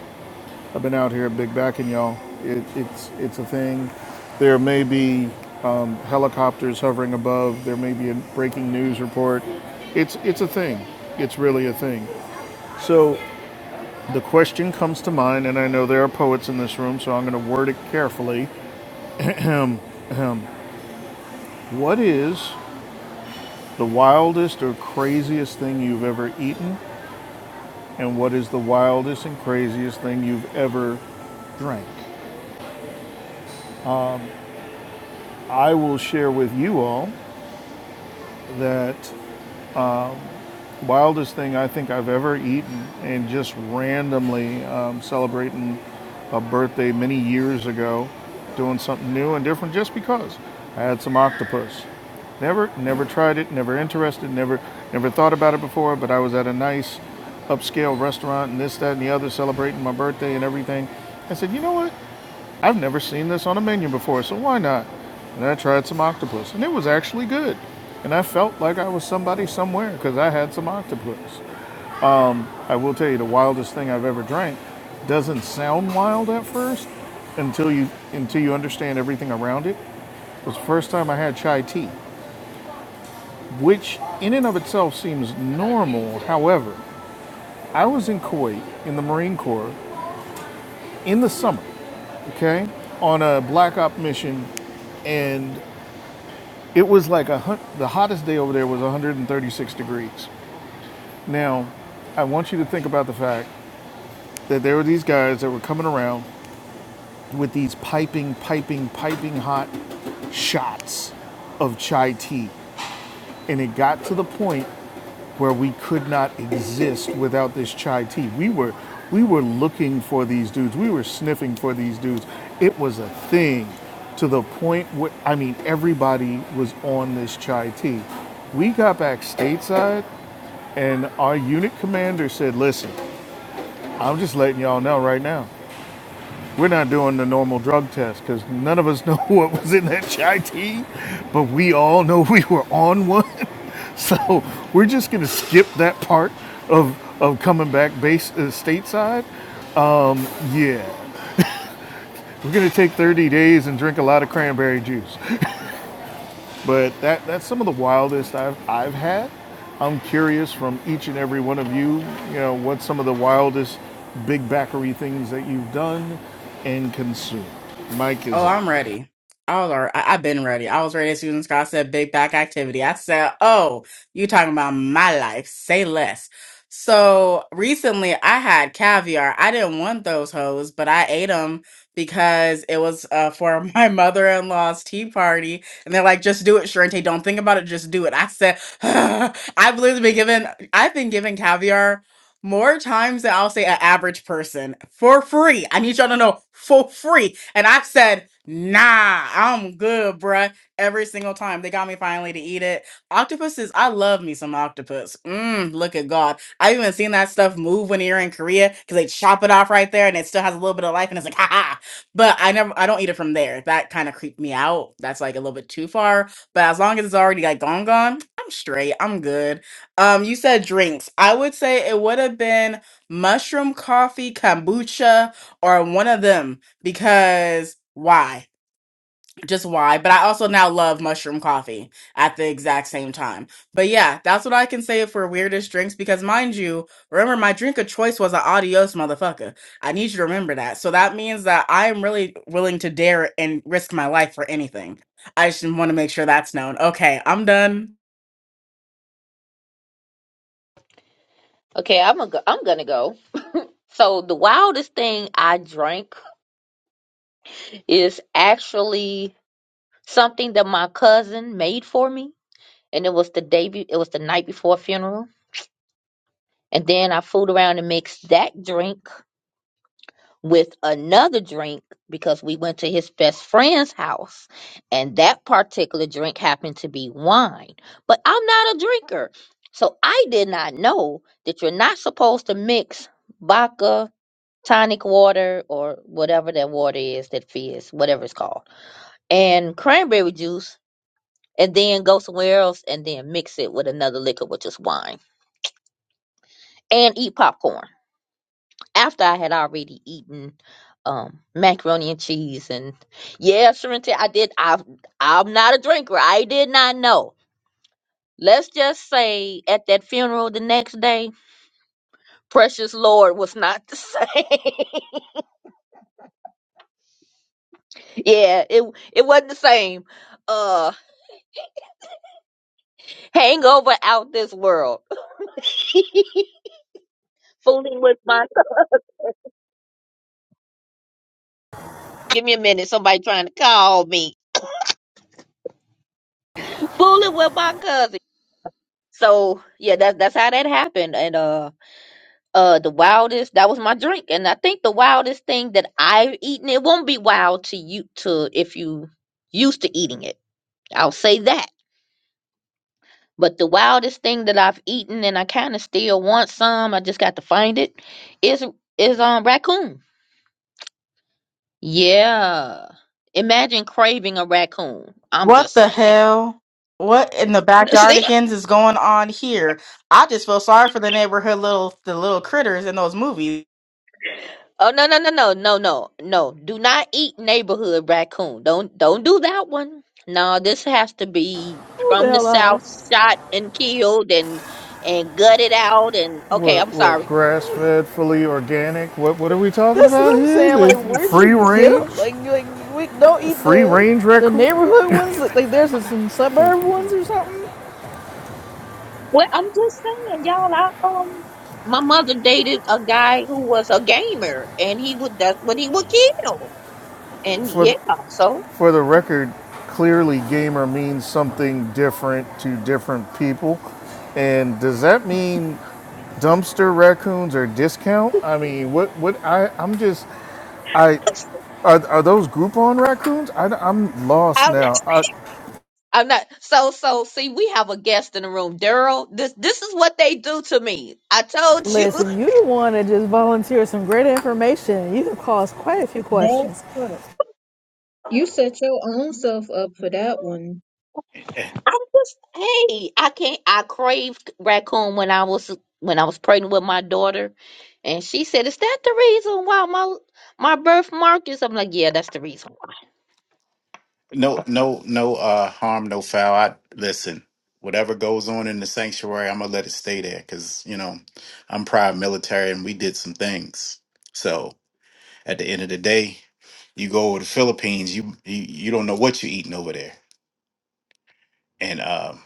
Speaker 2: I've been out here big backing y'all. It, it's it's a thing. There may be helicopters hovering above. There may be a breaking news report. It's it's a thing. It's really a thing. So the question comes to mind, and I know there are poets in this room, so I'm going to word it carefully. What is the wildest or craziest thing you've ever eaten? and what is the wildest and craziest thing you've ever drank. I will share with you all that wildest thing I think I've ever eaten, and just randomly um, celebrating a birthday many years ago, doing something new and different just because I had some octopus. Never, never tried it. Never interested. Never, never thought about it before. But I was at a nice upscale restaurant and this, that, and the other, celebrating my birthday and everything. I said, you know what? I've never seen this on a menu before, so why not? And I tried some octopus, and it was actually good. And I felt like I was somebody somewhere because I had some octopus. I will tell you, the wildest thing I've ever drank doesn't sound wild at first until you until you understand everything around it. It was the first time I had chai tea, which in and of itself seems normal. However, I was in Kuwait in the Marine Corps in the summer, okay, on a black op mission, and It was like a the hottest day over there was 136 degrees. Now, I want you to think about the fact that there were these guys that were coming around with these piping, piping, piping hot shots of chai tea, and it got to the point where we could not exist without this chai tea. We were we were looking for these dudes. We were sniffing for these dudes. It was a thing to the point where I mean everybody was on this chai tea. We got back stateside and our unit commander said, "Listen, I'm just letting y'all know right now. We're not doing the normal drug test because none of us know what was in that chai tea, but we all know we were on one. So we're just gonna skip that part of of coming back base uh, stateside. Yeah, we're gonna take 30 days and drink a lot of cranberry juice. But that that's some of the wildest I've I've had. I'm curious from each and every one of you, you know, what some of the wildest big backery things that you've done and consumed. Mike is
Speaker 9: Oh,
Speaker 2: up.
Speaker 9: I'm ready. All right. I, I've been ready. I was ready as Susan Scott said big back activity. I said, Oh, you talking about my life. Say less. So recently I had caviar. I didn't want those hoes, but I ate them because it was uh, for my mother in law's tea party. And they're like, just do it, Sharente. Don't think about it. Just do it. I said, I've literally been given, I've been given caviar more times than I'll say an average person for free. I need y'all to know for free. And I've said, nah, I'm good, bruh. Every single time. They got me finally to eat it. Octopuses, I love me some octopus. Mmm, look at God. I've even seen that stuff move when you're in Korea because they chop it off right there and it still has a little bit of life and it's like, ha ha. But I never, I don't eat it from there. That kind of creeped me out. That's like a little bit too far. But as long as it's already like gone, gone, I'm straight. I'm good. Um, you said drinks. I would say it would have been mushroom coffee, kombucha, or one of them because why? Just why? But I also now love mushroom coffee at the exact same time. But yeah, that's what I can say for weirdest drinks because mind you, remember my drink of choice was an adios motherfucker. I need you to remember that. So that means that I am really willing to dare and risk my life for anything. I just want to make sure that's known. Okay, I'm done.
Speaker 3: Okay, I'm gonna go. I'm gonna go. So the wildest thing I drank is actually something that my cousin made for me, and it was the day be- it was the night before a funeral, and then I fooled around and mixed that drink with another drink because we went to his best friend's house, and that particular drink happened to be wine. But I'm not a drinker, so I did not know that you're not supposed to mix vodka tonic water or whatever that water is that fizz, whatever it's called, and cranberry juice, and then go somewhere else and then mix it with another liquor, which is wine, and eat popcorn. After I had already eaten um macaroni and cheese and yeah, Sharente, I did I I'm not a drinker. I did not know. Let's just say at that funeral the next day, precious Lord was not the same. yeah, it it wasn't the same. Uh. Hangover out this world. Fooling with my cousin. Give me a minute. Somebody trying to call me. Fooling with my cousin. So yeah, that's that's how that happened. And uh uh the wildest that was my drink. And I think the wildest thing that I've eaten, it won't be wild to you to if you used to eating it. I'll say that. But the wildest thing that I've eaten and I kinda still want some, I just got to find it, is is um raccoon. Yeah. Imagine craving a raccoon. I'm
Speaker 9: What
Speaker 3: just
Speaker 9: the
Speaker 3: saying.
Speaker 9: hell? What in the
Speaker 3: See?
Speaker 9: backyardigans is going on here? I just feel sorry for the neighborhood little the little critters in those movies.
Speaker 3: Oh no no no no no no no. Do not eat neighborhood raccoon. Don't don't do that one. No, this has to be
Speaker 1: Hold the
Speaker 3: from the
Speaker 1: hell
Speaker 3: south,
Speaker 1: on.
Speaker 3: shot and killed and and gutted out and okay,
Speaker 2: What,
Speaker 3: I'm
Speaker 2: what
Speaker 3: sorry.
Speaker 2: grass fed, fully organic? What, what are we talking
Speaker 1: That's
Speaker 2: about
Speaker 1: what I'm
Speaker 2: here?
Speaker 1: saying.
Speaker 2: The
Speaker 1: Like, where'd
Speaker 2: free
Speaker 1: you get them?
Speaker 2: range,
Speaker 1: Like, like we don't eat
Speaker 2: free
Speaker 1: the
Speaker 2: range
Speaker 1: the
Speaker 2: record.
Speaker 1: neighborhood ones. Like, like there's some
Speaker 2: Thank
Speaker 1: suburb
Speaker 2: you.
Speaker 1: ones or something.
Speaker 3: Well, I'm just saying, y'all, I um my mother dated a guy who was a gamer and he would that's what he would kill. And
Speaker 2: For,
Speaker 3: yeah,
Speaker 2: th-
Speaker 3: so
Speaker 2: for the record, clearly gamer means something different to different people. And does that mean dumpster raccoons or discount? I mean, what, what, I, I'm just, I, are, are those Groupon raccoons? I, am lost
Speaker 3: I
Speaker 2: now. I,
Speaker 3: I'm not so so see we have a guest in the room. Daryl, this this is what they do to me. I told you.
Speaker 1: Listen, you the one that just volunteered some great information. You can cause quite a few
Speaker 5: That
Speaker 1: questions.
Speaker 5: part. You set your own self up for that one.
Speaker 3: I'm just hey, I can't I craved raccoon when I was when I was pregnant with my daughter and she said, Is that the reason why my my birthmark is I'm like, Yeah, that's the reason why.
Speaker 6: No, no, no uh, harm, no foul. I listen. Whatever goes on in the sanctuary, I'm gonna let it stay there because you know I'm prior military and we did some things. So at the end of the day, you go over the Philippines, you you, you don't know what you're eating over there, and um,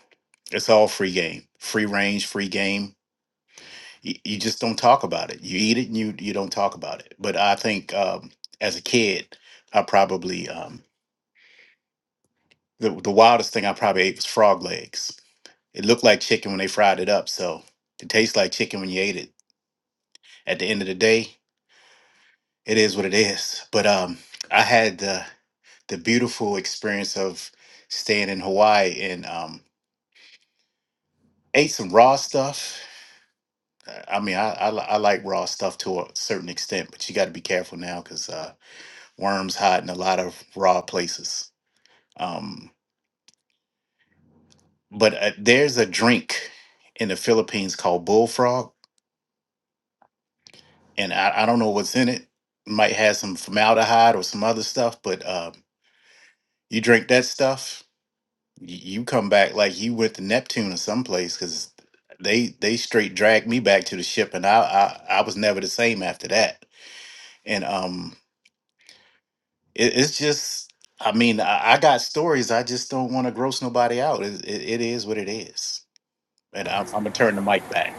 Speaker 6: it's all free game, free range, free game you, you just don't talk about it. You eat it and you you don't talk about it. But I think um, as a kid, I probably um, the the wildest thing I probably ate was frog legs. It looked like chicken when they fried it up, so it tastes like chicken when you ate it. At the end of the day, it is what it is. But um, I had the the beautiful experience of staying in Hawaii and um, ate some raw stuff. Uh, I mean, I, I li- I like raw stuff to a certain extent, but you got to be careful now because. Worms hide in a lot of raw places. Um, but uh, there's a drink in the Philippines called bullfrog, and I, I don't know what's in it. Might have some formaldehyde or some other stuff, but um, you drink that stuff, y- you come back like you went to Neptune or someplace because they they straight dragged me back to the ship, and I I, I was never the same after that. And um, it, it's just. I mean, I, I got stories. I just don't want to gross nobody out. It, it, it is what it is. and I'm, I'm gonna turn the mic back.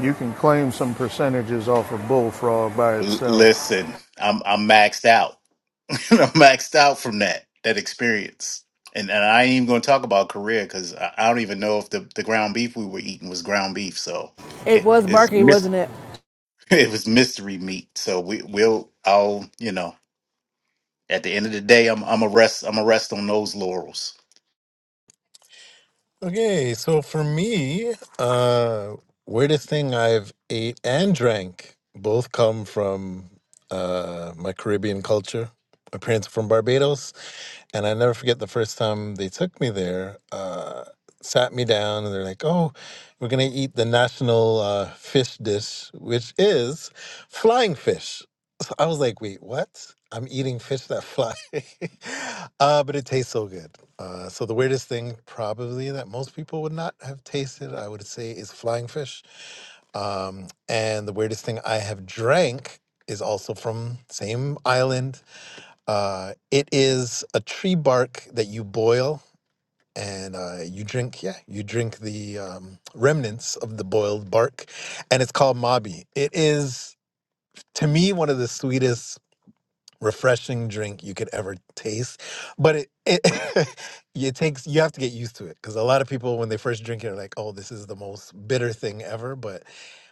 Speaker 2: you can claim some percentages off of bullfrog by
Speaker 6: L-
Speaker 2: itself.
Speaker 6: listen, I'm I'm maxed out. I'm maxed out from that that experience, and and I ain't even gonna talk about career because I, I don't even know if the, the ground beef we were eating was ground beef. So
Speaker 1: It
Speaker 6: it
Speaker 1: was
Speaker 6: is
Speaker 1: Barky,
Speaker 6: mis-
Speaker 1: wasn't it?
Speaker 6: it was mystery meat. So we will I'll you know at the end of the day I'm I'm a rest I'm a rest on those laurels.
Speaker 4: Okay, so for me, uh, weirdest thing I've ate and drank both come from uh, my Caribbean culture. My parents are from Barbados, and I never forget the first time they took me there. Uh, sat me down, and they're like, "Oh, we're gonna eat the national uh, fish dish, which is flying fish." So I was like, wait, what? I'm eating fish that fly. uh, but it tastes so good. Uh, so the weirdest thing probably that most people would not have tasted, I would say, is flying fish. Um, and the weirdest thing I have drank is also from same island. Uh, it is a tree bark that you boil and uh, you drink, yeah, you drink the um, remnants of the boiled bark. And it's called mabi. It is to me one of the sweetest refreshing drink you could ever taste. But it it, it takes you have to get used to it because a lot of people when they first drink it are like, oh, this is the most bitter thing ever. But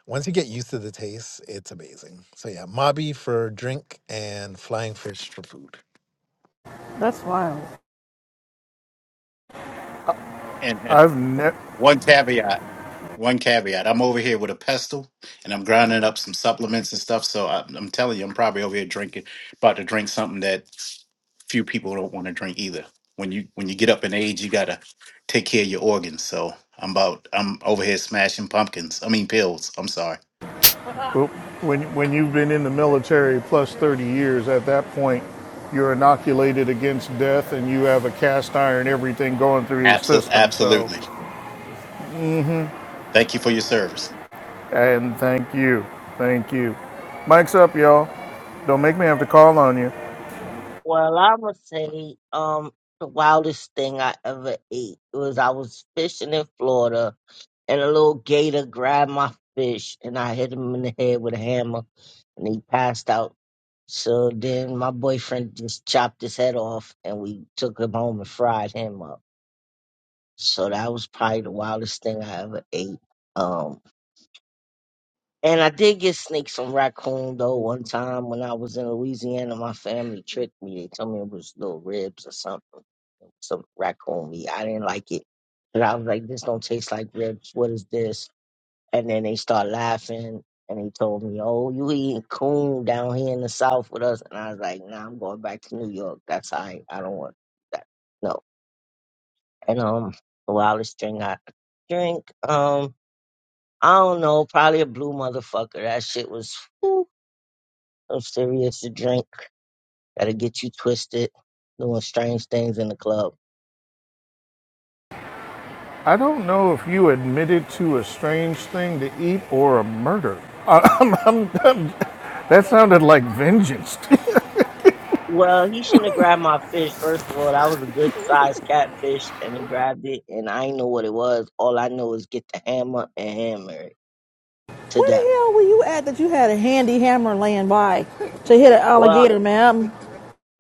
Speaker 4: once you get used to the taste, it's amazing. So yeah, mabi for drink and flying fish for food.
Speaker 1: That's wild.
Speaker 6: And and
Speaker 2: I've never,
Speaker 6: one caveat. one caveat. I'm over here with a pestle and I'm grinding up some supplements and stuff. So I'm, I'm telling you, I'm probably over here drinking, about to drink something that few people don't want to drink either. When you when you get up in age, you gotta take care of your organs. So I'm about I'm over here smashing pumpkins. I mean pills. I'm sorry.
Speaker 2: Well, When, when you've been in the military plus 30 years, at that point, you're inoculated against death and you have a cast iron everything going through your
Speaker 6: Absolutely,
Speaker 2: system. So,
Speaker 6: absolutely. Thank you for your service.
Speaker 2: and thank you. Thank you. Mike's up, y'all. Don't make me have to call on you.
Speaker 8: Well, I would say um the wildest thing I ever ate was I was fishing in Florida and a little gator grabbed my fish and I hit him in the head with a hammer and he passed out. So then my boyfriend just chopped his head off and we took him home and fried him up. So that was probably the wildest thing I ever ate. Um. And I did get snakes and raccoon though one time when I was in Louisiana. My family tricked me. They told me it was little ribs or something, some raccoon meat. I didn't like it, but I was like, "This don't taste like ribs. What is this?" And then they start laughing and they told me, "Oh, you eating coon down here in the South with us?" And I was like, "Nah, I'm going back to New York. That's I. I don't want that. No." And um, the wildest drink I drink um. I don't know, probably a blue motherfucker. That shit was. I'm serious. You drink. Gotta get you twisted. Doing strange things in the club.
Speaker 2: I don't know if you admitted to a strange thing to eat or a murder. I, I'm, I'm, That sounded like vengeance.
Speaker 8: Well, he shouldn't have grabbed my fish. First of all, that was a good sized catfish, and he grabbed it, and I didn't know what it was. All I know is get the hammer and hammer it to
Speaker 1: Where
Speaker 8: death.
Speaker 1: the hell were you at that you had a handy hammer laying by to hit an
Speaker 8: Well,
Speaker 1: alligator, man?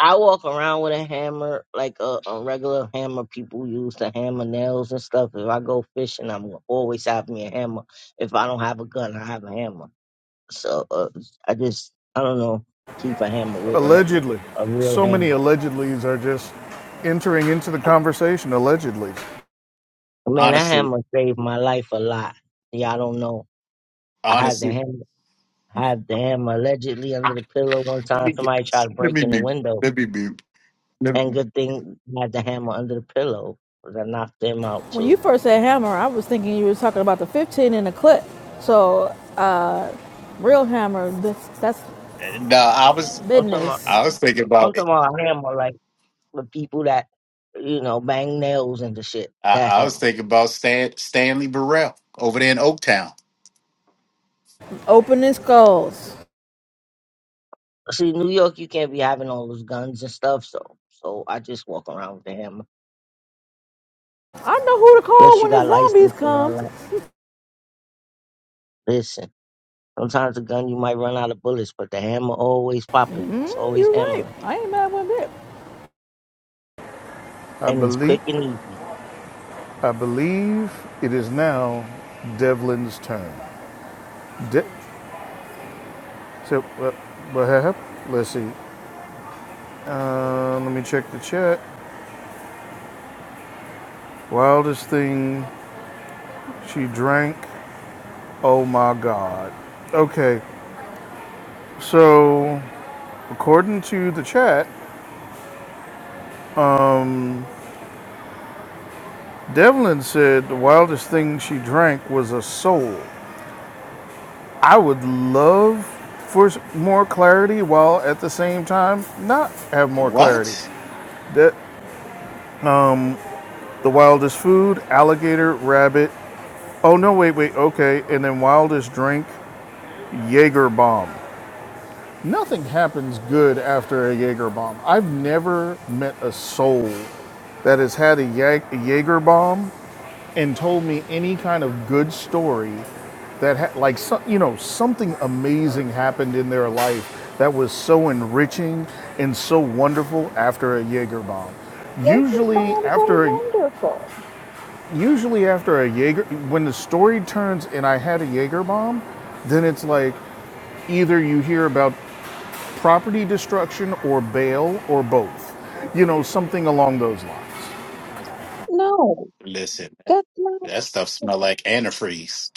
Speaker 8: I walk around with a hammer, like a, a regular hammer people use to hammer nails and stuff. If I go fishing, I'm gonna always have me a hammer. If I don't have a gun, I have a hammer. So uh, I just, I don't know. I keep a hammer with me,
Speaker 2: allegedly.
Speaker 8: a real
Speaker 2: So
Speaker 8: hammer.
Speaker 2: many allegedlys are just entering into the conversation, allegedly.
Speaker 8: Man, that
Speaker 6: Honestly,
Speaker 8: hammer saved my life a lot. Y'all don't know. I had the
Speaker 6: honestly.
Speaker 8: hammer, I had the hammer allegedly under
Speaker 6: I-
Speaker 8: the pillow one
Speaker 6: Let
Speaker 8: time.
Speaker 6: me get.
Speaker 8: Somebody tried
Speaker 6: this.
Speaker 8: to
Speaker 6: Let
Speaker 8: break
Speaker 6: me
Speaker 8: in the
Speaker 6: mute.
Speaker 8: window,
Speaker 6: Let me mute. Let
Speaker 8: and
Speaker 6: me-
Speaker 8: good thing I had the hammer under the pillow 'cause I knocked them out
Speaker 1: When you
Speaker 8: too.
Speaker 1: first said hammer, I was thinking you were talking about the 15 in the clip. So, real hammer, that's, that's
Speaker 6: No, I was
Speaker 8: I'm talking about,
Speaker 1: business.
Speaker 6: I was thinking about.
Speaker 8: I'm talking about a hammer like the people that you know bang nails into shit.
Speaker 6: I,
Speaker 8: That
Speaker 6: I was
Speaker 8: hammer.
Speaker 6: thinking about Stan, Stanley Burrell over there in Oaktown.
Speaker 1: Opening skulls.
Speaker 8: See, New York, you can't be having all those guns and stuff. So, so I just walk around with the hammer
Speaker 1: I know who to
Speaker 8: unless
Speaker 1: call
Speaker 8: you
Speaker 1: when
Speaker 8: got
Speaker 1: the zombies
Speaker 8: license and all
Speaker 1: come.
Speaker 8: that. Listen. Sometimes the gun you might run out of bullets, but the hammer always popping. It's
Speaker 1: Mm,
Speaker 8: always
Speaker 1: you're right.
Speaker 8: hammering,
Speaker 1: I ain't mad one bit.
Speaker 2: I
Speaker 8: and it's
Speaker 2: believe
Speaker 8: quick and easy.
Speaker 2: I believe it is now Devlin's turn. De- so, what, what happened? Let's see. Uh, let me check the chat. Wildest thing she drank. Oh my God. Okay, so according to the chat, um, Devlin said the wildest thing she drank was a soul. I would love for more clarity while at the same time not have more clarity.
Speaker 6: What?
Speaker 2: That The wildest food, alligator, rabbit. Oh no, wait, wait, okay. And then wildest drink, Jaeger bomb. Nothing happens good after a Jaeger bomb. I've never met a soul that has had a Jag- Jaeger bomb and told me any kind of good story that ha- like so- you know something amazing happened in their life that was so enriching and so wonderful after a Jaeger bomb.
Speaker 5: Yes, your
Speaker 2: Usually
Speaker 5: poems
Speaker 2: after a,
Speaker 5: are wonderful.
Speaker 2: Usually after a Jaeger, when the story turns and I had a Jaeger bomb, then it's like either you hear about property destruction or bail or both. You know, something along those lines.
Speaker 5: No,
Speaker 6: Listen,
Speaker 5: that's not.
Speaker 6: that stuff smelled like antifreeze.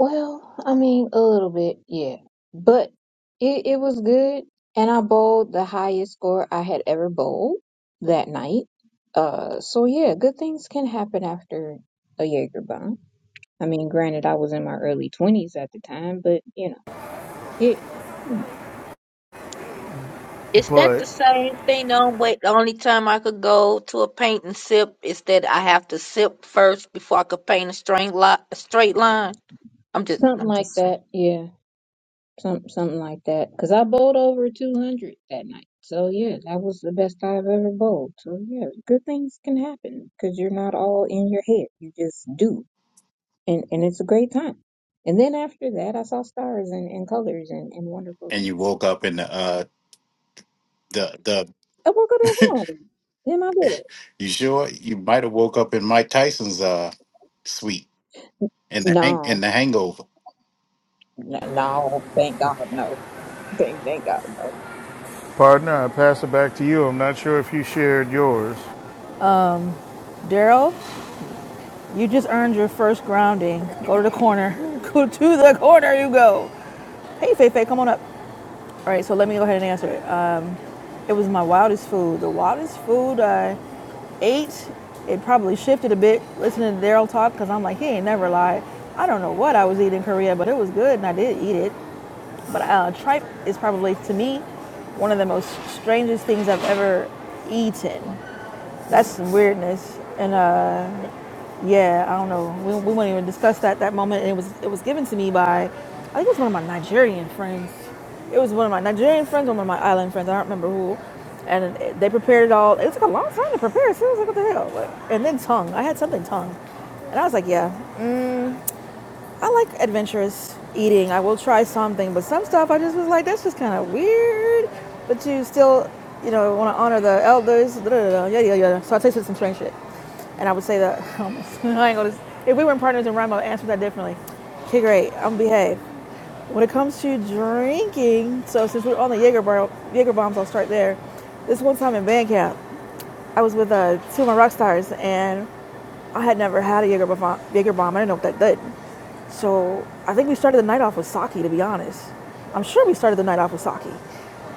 Speaker 5: Well, I mean, a little bit, yeah, but it it was good, and I bowled the highest score I had ever bowled that night. Uh, so yeah, good things can happen after a Jaeger I mean, granted, I was in my early 20s at the time, but you know, it
Speaker 3: Is that
Speaker 2: But,
Speaker 3: the same thing on wait the only time I could go to a paint and sip is that I have to sip first before I could paint a straight line a straight line? I'm just
Speaker 5: something
Speaker 3: I'm
Speaker 5: like
Speaker 3: just saying.
Speaker 5: that. Yeah, some something like that. Cause I bowled over 200 that night. So yeah, that was the best I've ever bowled. So yeah, good things can happen because you're not all in your head. You just do, and and it's a great time. And then after that, I saw stars and, and colors and, and wonderful
Speaker 6: And you
Speaker 5: things.
Speaker 6: woke up in the uh the
Speaker 5: I woke up at
Speaker 6: the
Speaker 5: home in my bed.
Speaker 6: you sure you might have woke up in Mike Tyson's uh suite in the hang in
Speaker 5: No,
Speaker 6: the hangover.
Speaker 5: no, no, thank God, no, thank thank God, no.
Speaker 2: partner, I pass it back to you. I'm not sure if you shared yours.
Speaker 1: Daryl, you just earned your first grounding. Go to the corner. Go to the corner you go. Hey, Fei Fei, come on up. All right, so let me go ahead and answer it. It was my wildest food. The wildest food I ate, it probably shifted a bit listening to Daryl talk because I'm like, he ain't never lied. I don't know what I was eating in Korea, but it was good and I did eat it. But uh, tripe is probably, to me, one of the most strangest things I've ever eaten. That's some weirdness. And uh, yeah, I don't know. We, we wouldn't even discuss that that moment. And it was it was given to me by, I think it was one of my Nigerian friends. It was one of my Nigerian friends, one of my island friends. I don't remember who. And it- they prepared it all. It took a long time to prepare. So I was like, what the hell? Like, And then tongue. I had something tongue, and I was like, yeah. I like adventurous eating. I will try something, but some stuff I just was like, that's just kind of weird. But you still, you know, want to honor the elders. da, da, da, Yeah, yeah, yeah. So I tasted some strange shit, and I would say that I ain't gonna. If we weren't partners in rhyme, I'd answer that differently. Okay, great. I'm gonna behave. When it comes to drinking, so since we're on the Jaeger, bar, Jaeger bombs, I'll start there. This one time in band camp, I was with uh, two of my rock stars, and I had never had a Jaeger, bomb, Jaeger bomb. I didn't know what that did. So I think we started the night off with sake, to be honest. I'm sure we started the night off with sake.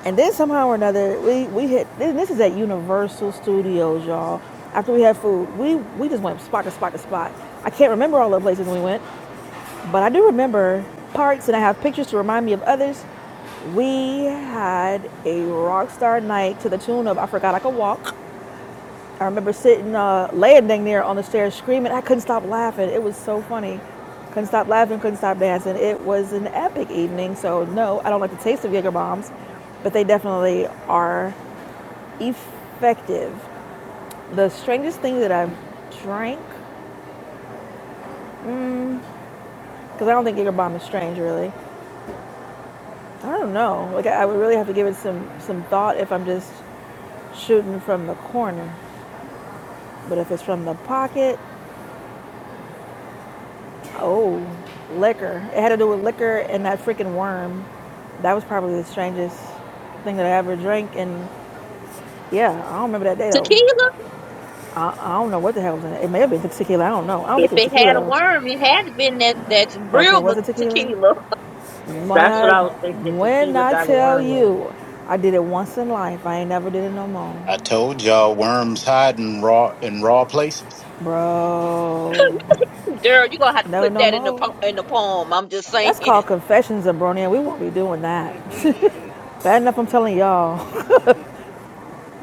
Speaker 1: And then somehow or another, we, we hit, this is at Universal Studios, y'all. After we had food, we, we just went spot to spot to spot. I can't remember all the places we went, but I do remember parts and I have pictures to remind me of others. We had a rock star night to the tune of I Forgot I Could Walk. I remember sitting, uh, landing there on the stairs screaming. I couldn't stop laughing. It was so funny. Couldn't stop laughing, couldn't stop dancing. It was an epic evening. So, no, I don't like the taste of Jaeger bombs, but they definitely are effective. The strangest thing that I've drank, because I don't think Jaeger bomb is strange really. I don't know. Like, I would really have to give it some, some thought if I'm just shooting from the corner. But if it's from the pocket, Oh, liquor. It had to do with liquor and that freaking worm. That was probably the strangest thing that I ever drank. And yeah, I don't remember that day though.
Speaker 3: Tequila.
Speaker 1: I, I don't know what the hell was in it. It may have been tequila. I don't know. I don't
Speaker 3: If
Speaker 1: think it was
Speaker 3: it
Speaker 1: tequila
Speaker 3: had a
Speaker 1: though.
Speaker 3: worm, it had to been that that's
Speaker 1: Okay,
Speaker 3: real ma-
Speaker 1: was it tequila?
Speaker 3: tequila.
Speaker 8: That's what
Speaker 1: My,
Speaker 8: I was thinking.
Speaker 1: when
Speaker 8: Tequila
Speaker 1: I
Speaker 8: got a
Speaker 1: tell
Speaker 8: worm in it.
Speaker 1: you, I did it once in life. I ain't never did it no
Speaker 6: I
Speaker 1: more,
Speaker 6: told y'all worms hide in raw in raw places.
Speaker 1: bro.
Speaker 3: Daryl, you're gonna have to
Speaker 1: Never
Speaker 3: put
Speaker 1: no
Speaker 3: that in the
Speaker 1: more.
Speaker 3: po- in the poem. I'm just saying.
Speaker 1: That's called confessions of Bronia. We won't be doing that. Bad enough I'm telling y'all.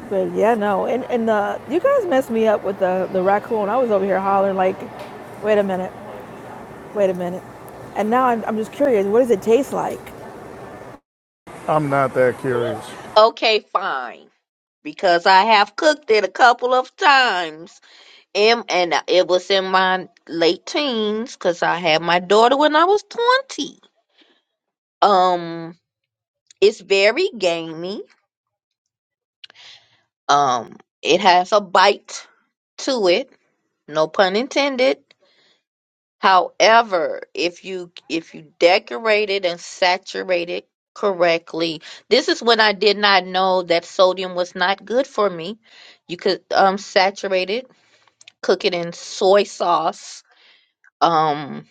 Speaker 1: But yeah, no, and and the you guys messed me up with the the raccoon. I was over here hollering like, wait a minute, wait a minute, and now I'm I'm just curious. What does it taste like?
Speaker 2: I'm not that curious.
Speaker 3: okay, fine. Because I have cooked it a couple of times, and, and it was in my late teens. Because I had my daughter when I was twenty. Um, it's very gamey. Um, it has a bite to it. No pun intended. However, if you if you decorate it and saturate it correctly, this is when I did not know that sodium was not good for me. You could um saturate it, cook it in soy sauce, um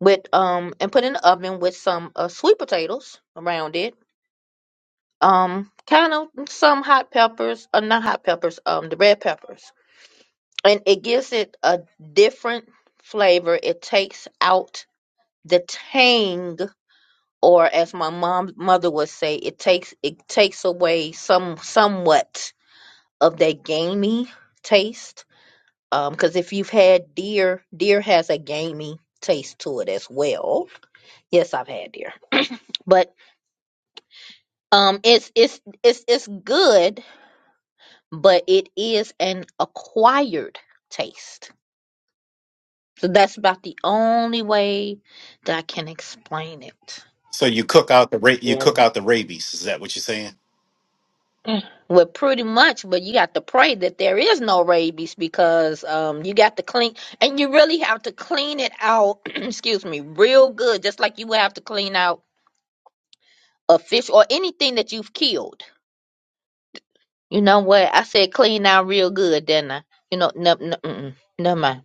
Speaker 3: with um and put in the oven with some uh, sweet potatoes around it. Um kind of some hot peppers, uh, not hot peppers, um the red peppers. And it gives it a different flavor. It takes out the tang or as my mom mother would say, it takes it takes away some somewhat of that gamey taste. Um, 'cause because if you've had deer, deer has a gamey taste to it as well. Yes, I've had deer, but um, it's it's it's it's good, but it is an acquired taste. So that's about the only way that I can explain it.
Speaker 6: So you cook out the ra- you
Speaker 8: Yeah,
Speaker 6: cook out the rabies. Is that what you're saying?
Speaker 3: Well, pretty much, but you got to pray that there is no rabies because um you got to clean and you really have to clean it out, excuse me, real good, just like you would have to clean out a fish or anything that you've killed. You know what? I said clean out real good, didn't I? You know, no, no, mm-mm, never mind.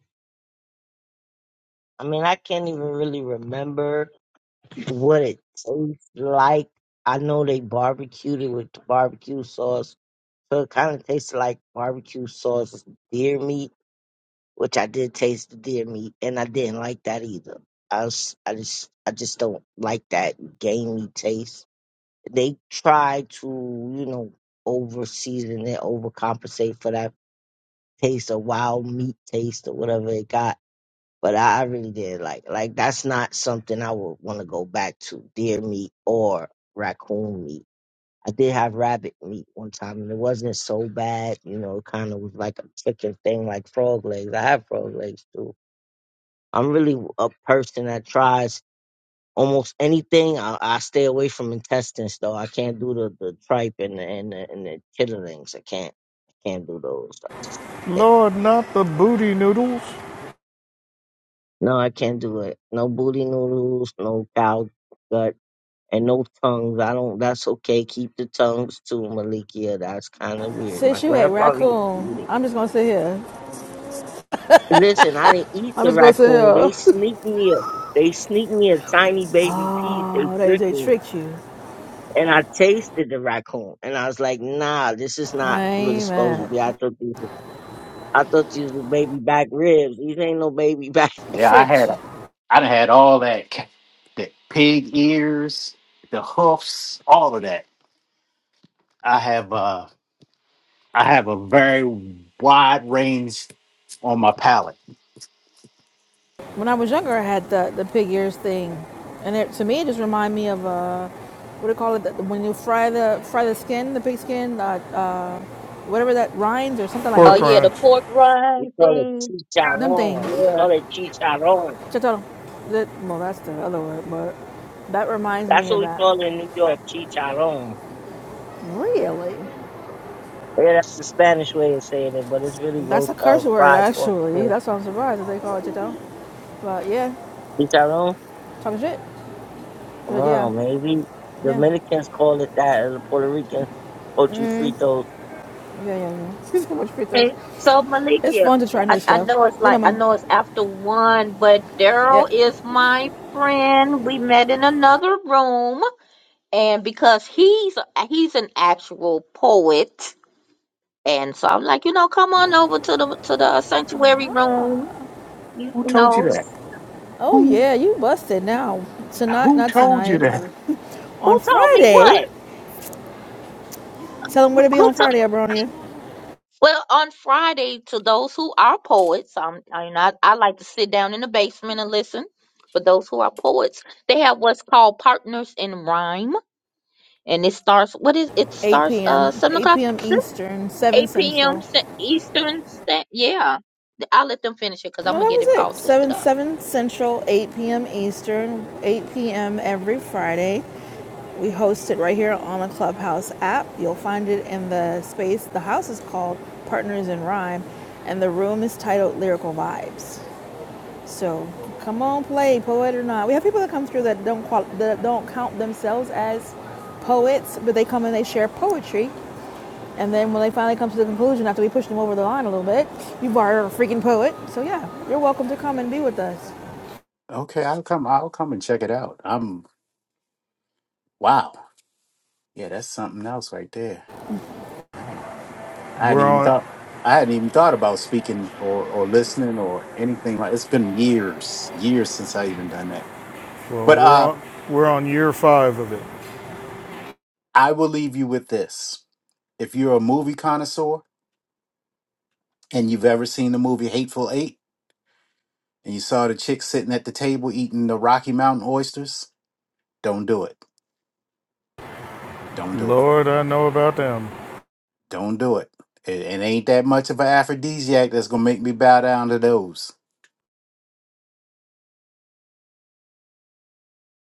Speaker 8: I mean I can't even really remember what it tastes like. I know they barbecued it with the barbecue sauce, so it kind of tasted like barbecue sauce deer meat, which I did taste the deer meat, and I didn't like that either. I was, I just I just don't like that gamey taste. they try to, you know, overseason and overcompensate for that taste of wild meat taste or whatever it got. But I I really did like like that's not something I would want to go back to deer meat or raccoon meat. I did have rabbit meat one time and it wasn't so bad, you know. It kind of was like a chicken thing, like frog legs. I have frog legs too. I'm really a person that tries almost anything. I, I stay away from intestines though. I can't do the, the tripe and the, and the, and the chitterlings. I can't. I can't do those. I just cannot.
Speaker 2: Lord, not the booty noodles.
Speaker 8: No, I can't do it. No booty noodles. No cow gut. And no tongues. I don't. That's okay. Keep the tongues too, Malikia. That's kind of weird. My
Speaker 1: Since you ate
Speaker 8: grandfather used to eat
Speaker 1: raccoon,
Speaker 8: it.
Speaker 1: I'm just gonna sit here.
Speaker 8: Listen, I didn't eat
Speaker 1: I'm
Speaker 8: the
Speaker 1: just gonna sit
Speaker 8: raccoon.
Speaker 1: here.
Speaker 8: They sneaked me a. They sneaked me a tiny baby piece. They
Speaker 1: Oh, they
Speaker 8: tricked
Speaker 1: they
Speaker 8: me.
Speaker 1: tricked you.
Speaker 8: and I tasted the raccoon, and I was like, "Nah, this is
Speaker 1: I
Speaker 8: not what it's
Speaker 1: ain't
Speaker 8: supposed to
Speaker 1: mad.
Speaker 8: be." I thought these, was- I thought these was baby back ribs. These ain't no baby back.
Speaker 6: Yeah, I
Speaker 1: Tricked
Speaker 6: had
Speaker 1: you.
Speaker 6: I done had all that ca- the pig ears, the hoofs, all of that. I have uh I have a very wide range on my palate.
Speaker 1: When I was younger, I had the the pig ears thing, and it to me it just reminded me of uh, what do you call it? The- When you fry the fry the skin, the pig skin, uh, uh, whatever that rinds or something like
Speaker 3: Oh
Speaker 2: Pork
Speaker 1: this.
Speaker 3: yeah, the
Speaker 2: rinds.
Speaker 3: pork
Speaker 8: We
Speaker 3: rind
Speaker 8: call it
Speaker 3: thing.
Speaker 1: Them
Speaker 8: chicharron. We
Speaker 1: things.
Speaker 3: Yeah.
Speaker 8: call it chicharron.
Speaker 1: Chotoro. well, that's the other word, but that reminds
Speaker 8: That's
Speaker 1: me
Speaker 8: what
Speaker 1: of
Speaker 8: we
Speaker 1: that.
Speaker 8: call it in New York, chicharron.
Speaker 1: Really?
Speaker 8: Yeah, that's the Spanish way of saying it, but it's really
Speaker 1: That's
Speaker 8: ro-
Speaker 1: a
Speaker 8: uh,
Speaker 1: curse word,
Speaker 8: fried pork. uh,
Speaker 1: actually. That's why I'm surprised that they call it Chotoro. But yeah,
Speaker 8: Chicharron.
Speaker 1: talking shit. But yeah,
Speaker 8: Oh, maybe
Speaker 1: yeah,
Speaker 8: Dominicans call it that, and the Puerto Ricans, pochifritos.
Speaker 1: yeah, yeah, yeah. so much free throws.
Speaker 3: Okay, so
Speaker 1: It's
Speaker 3: Malikia,
Speaker 1: fun to try
Speaker 3: I,
Speaker 1: new
Speaker 3: I
Speaker 1: stuff.
Speaker 3: know it's
Speaker 1: Yeah,
Speaker 3: like I know it's after one, but
Speaker 1: Yeah.
Speaker 3: Daryl is my friend. We met in another room, and because he's he's an actual poet, and so I'm like, you know, come on over to the to the sanctuary room. You,
Speaker 6: Who
Speaker 3: you
Speaker 6: told you
Speaker 3: know,
Speaker 6: that?
Speaker 1: Oh
Speaker 6: Who
Speaker 1: yeah, you busted now. Tonight,
Speaker 6: who
Speaker 1: not
Speaker 6: told you
Speaker 1: tonight, but
Speaker 6: that?
Speaker 1: on
Speaker 3: who told me
Speaker 1: Friday.
Speaker 3: what?
Speaker 1: Tell them where to be
Speaker 3: Who told?
Speaker 1: on Friday, Abronia.
Speaker 3: Well, on Friday, to those who are poets, um, I, you know, I, I like to sit down in the basement and listen. But those who are poets, they have what's called Partners in Rhyme, and it starts. What is it?
Speaker 1: 8
Speaker 3: Starts uh
Speaker 1: p.m.
Speaker 3: seven
Speaker 1: 8
Speaker 3: o'clock,
Speaker 1: p.m. Eastern, 7
Speaker 3: eight p.m.
Speaker 1: Central.
Speaker 3: Eastern. Sta- Yeah, I'll let them finish it because I'm
Speaker 1: No,
Speaker 3: gonna
Speaker 1: that
Speaker 3: get
Speaker 1: was
Speaker 3: it all
Speaker 1: it.
Speaker 3: twisted
Speaker 1: 7,
Speaker 3: up.
Speaker 1: 7 Central, 8 p.m. Eastern, 8 p.m. every Friday. We host it right here on the Clubhouse app. You'll find it in the space. The house is called Partners in Rhyme, and the room is titled Lyrical Vibes. So come on, play, poet or not. We have people that come through that don't, qual- that don't count themselves as poets, but they come and they share poetry and then when they finally come to the conclusion after we push them over the line a little bit, you are a freaking poet. So yeah, you're welcome to come and be with us.
Speaker 6: Okay, I'll come I'll come and check it out. I'm wow. Yeah, that's something else right there. I ain't, I hadn't
Speaker 2: We're
Speaker 6: even
Speaker 2: on,
Speaker 6: thought I hadn't even thought about speaking or, or listening or anything like it's been years, years since I even done that.
Speaker 2: well,
Speaker 6: But
Speaker 2: we're
Speaker 6: uh
Speaker 2: on, we're on year five of it.
Speaker 6: I will leave you with this. If you're a movie connoisseur and you've ever seen the movie Hateful Eight, and you saw the chick sitting at the table eating the Rocky Mountain oysters, don't do it. Don't do it.
Speaker 2: Lord, I know about them.
Speaker 6: Don't do it. It, it ain't that much of an aphrodisiac that's gonna make me bow down to those.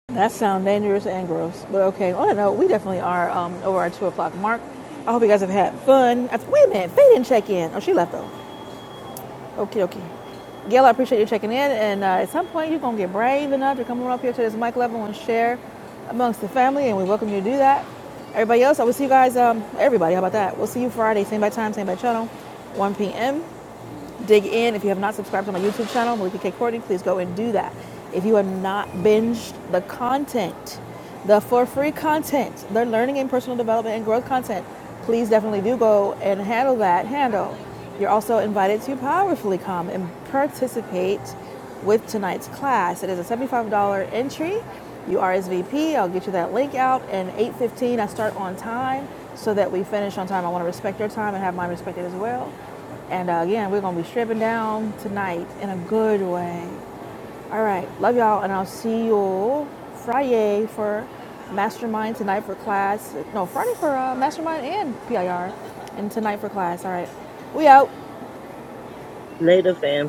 Speaker 1: That sounds dangerous and gross, but okay. On that note, we definitely are um, over our two o'clock mark. I hope you guys have had fun. I- Wait a minute, Faye didn't check in. Oh, she left though. Okay, okay. Gail, I appreciate you checking in. And uh, at some point, you're gonna get brave enough to come on up here to this mic level and share amongst the family, and we welcome you to do that. Everybody else, I will see you guys. Um, everybody, how about that? We'll see you Friday, same bad time, same bad channel, 1 p.m. dig in. If you have not subscribed to my YouTube channel, Malika K. Courtney, please go and do that. If you have not binged the content, the for free content, the learning and personal development and growth content, please definitely do go and handle that handle. You're also invited to powerfully come and participate with tonight's class. It is a $75 entry. You RSVP. I'll get you that link out. And 8:15, I start on time so that we finish on time. I want to respect your time and have mine respected as well. And uh, again, we're gonna be stripping down tonight in a good way. All right, love y'all, and I'll see you Friday for mastermind tonight for class. No, Friday for uh, mastermind and PIR, and tonight for class. All right, we out.
Speaker 8: Later, fam.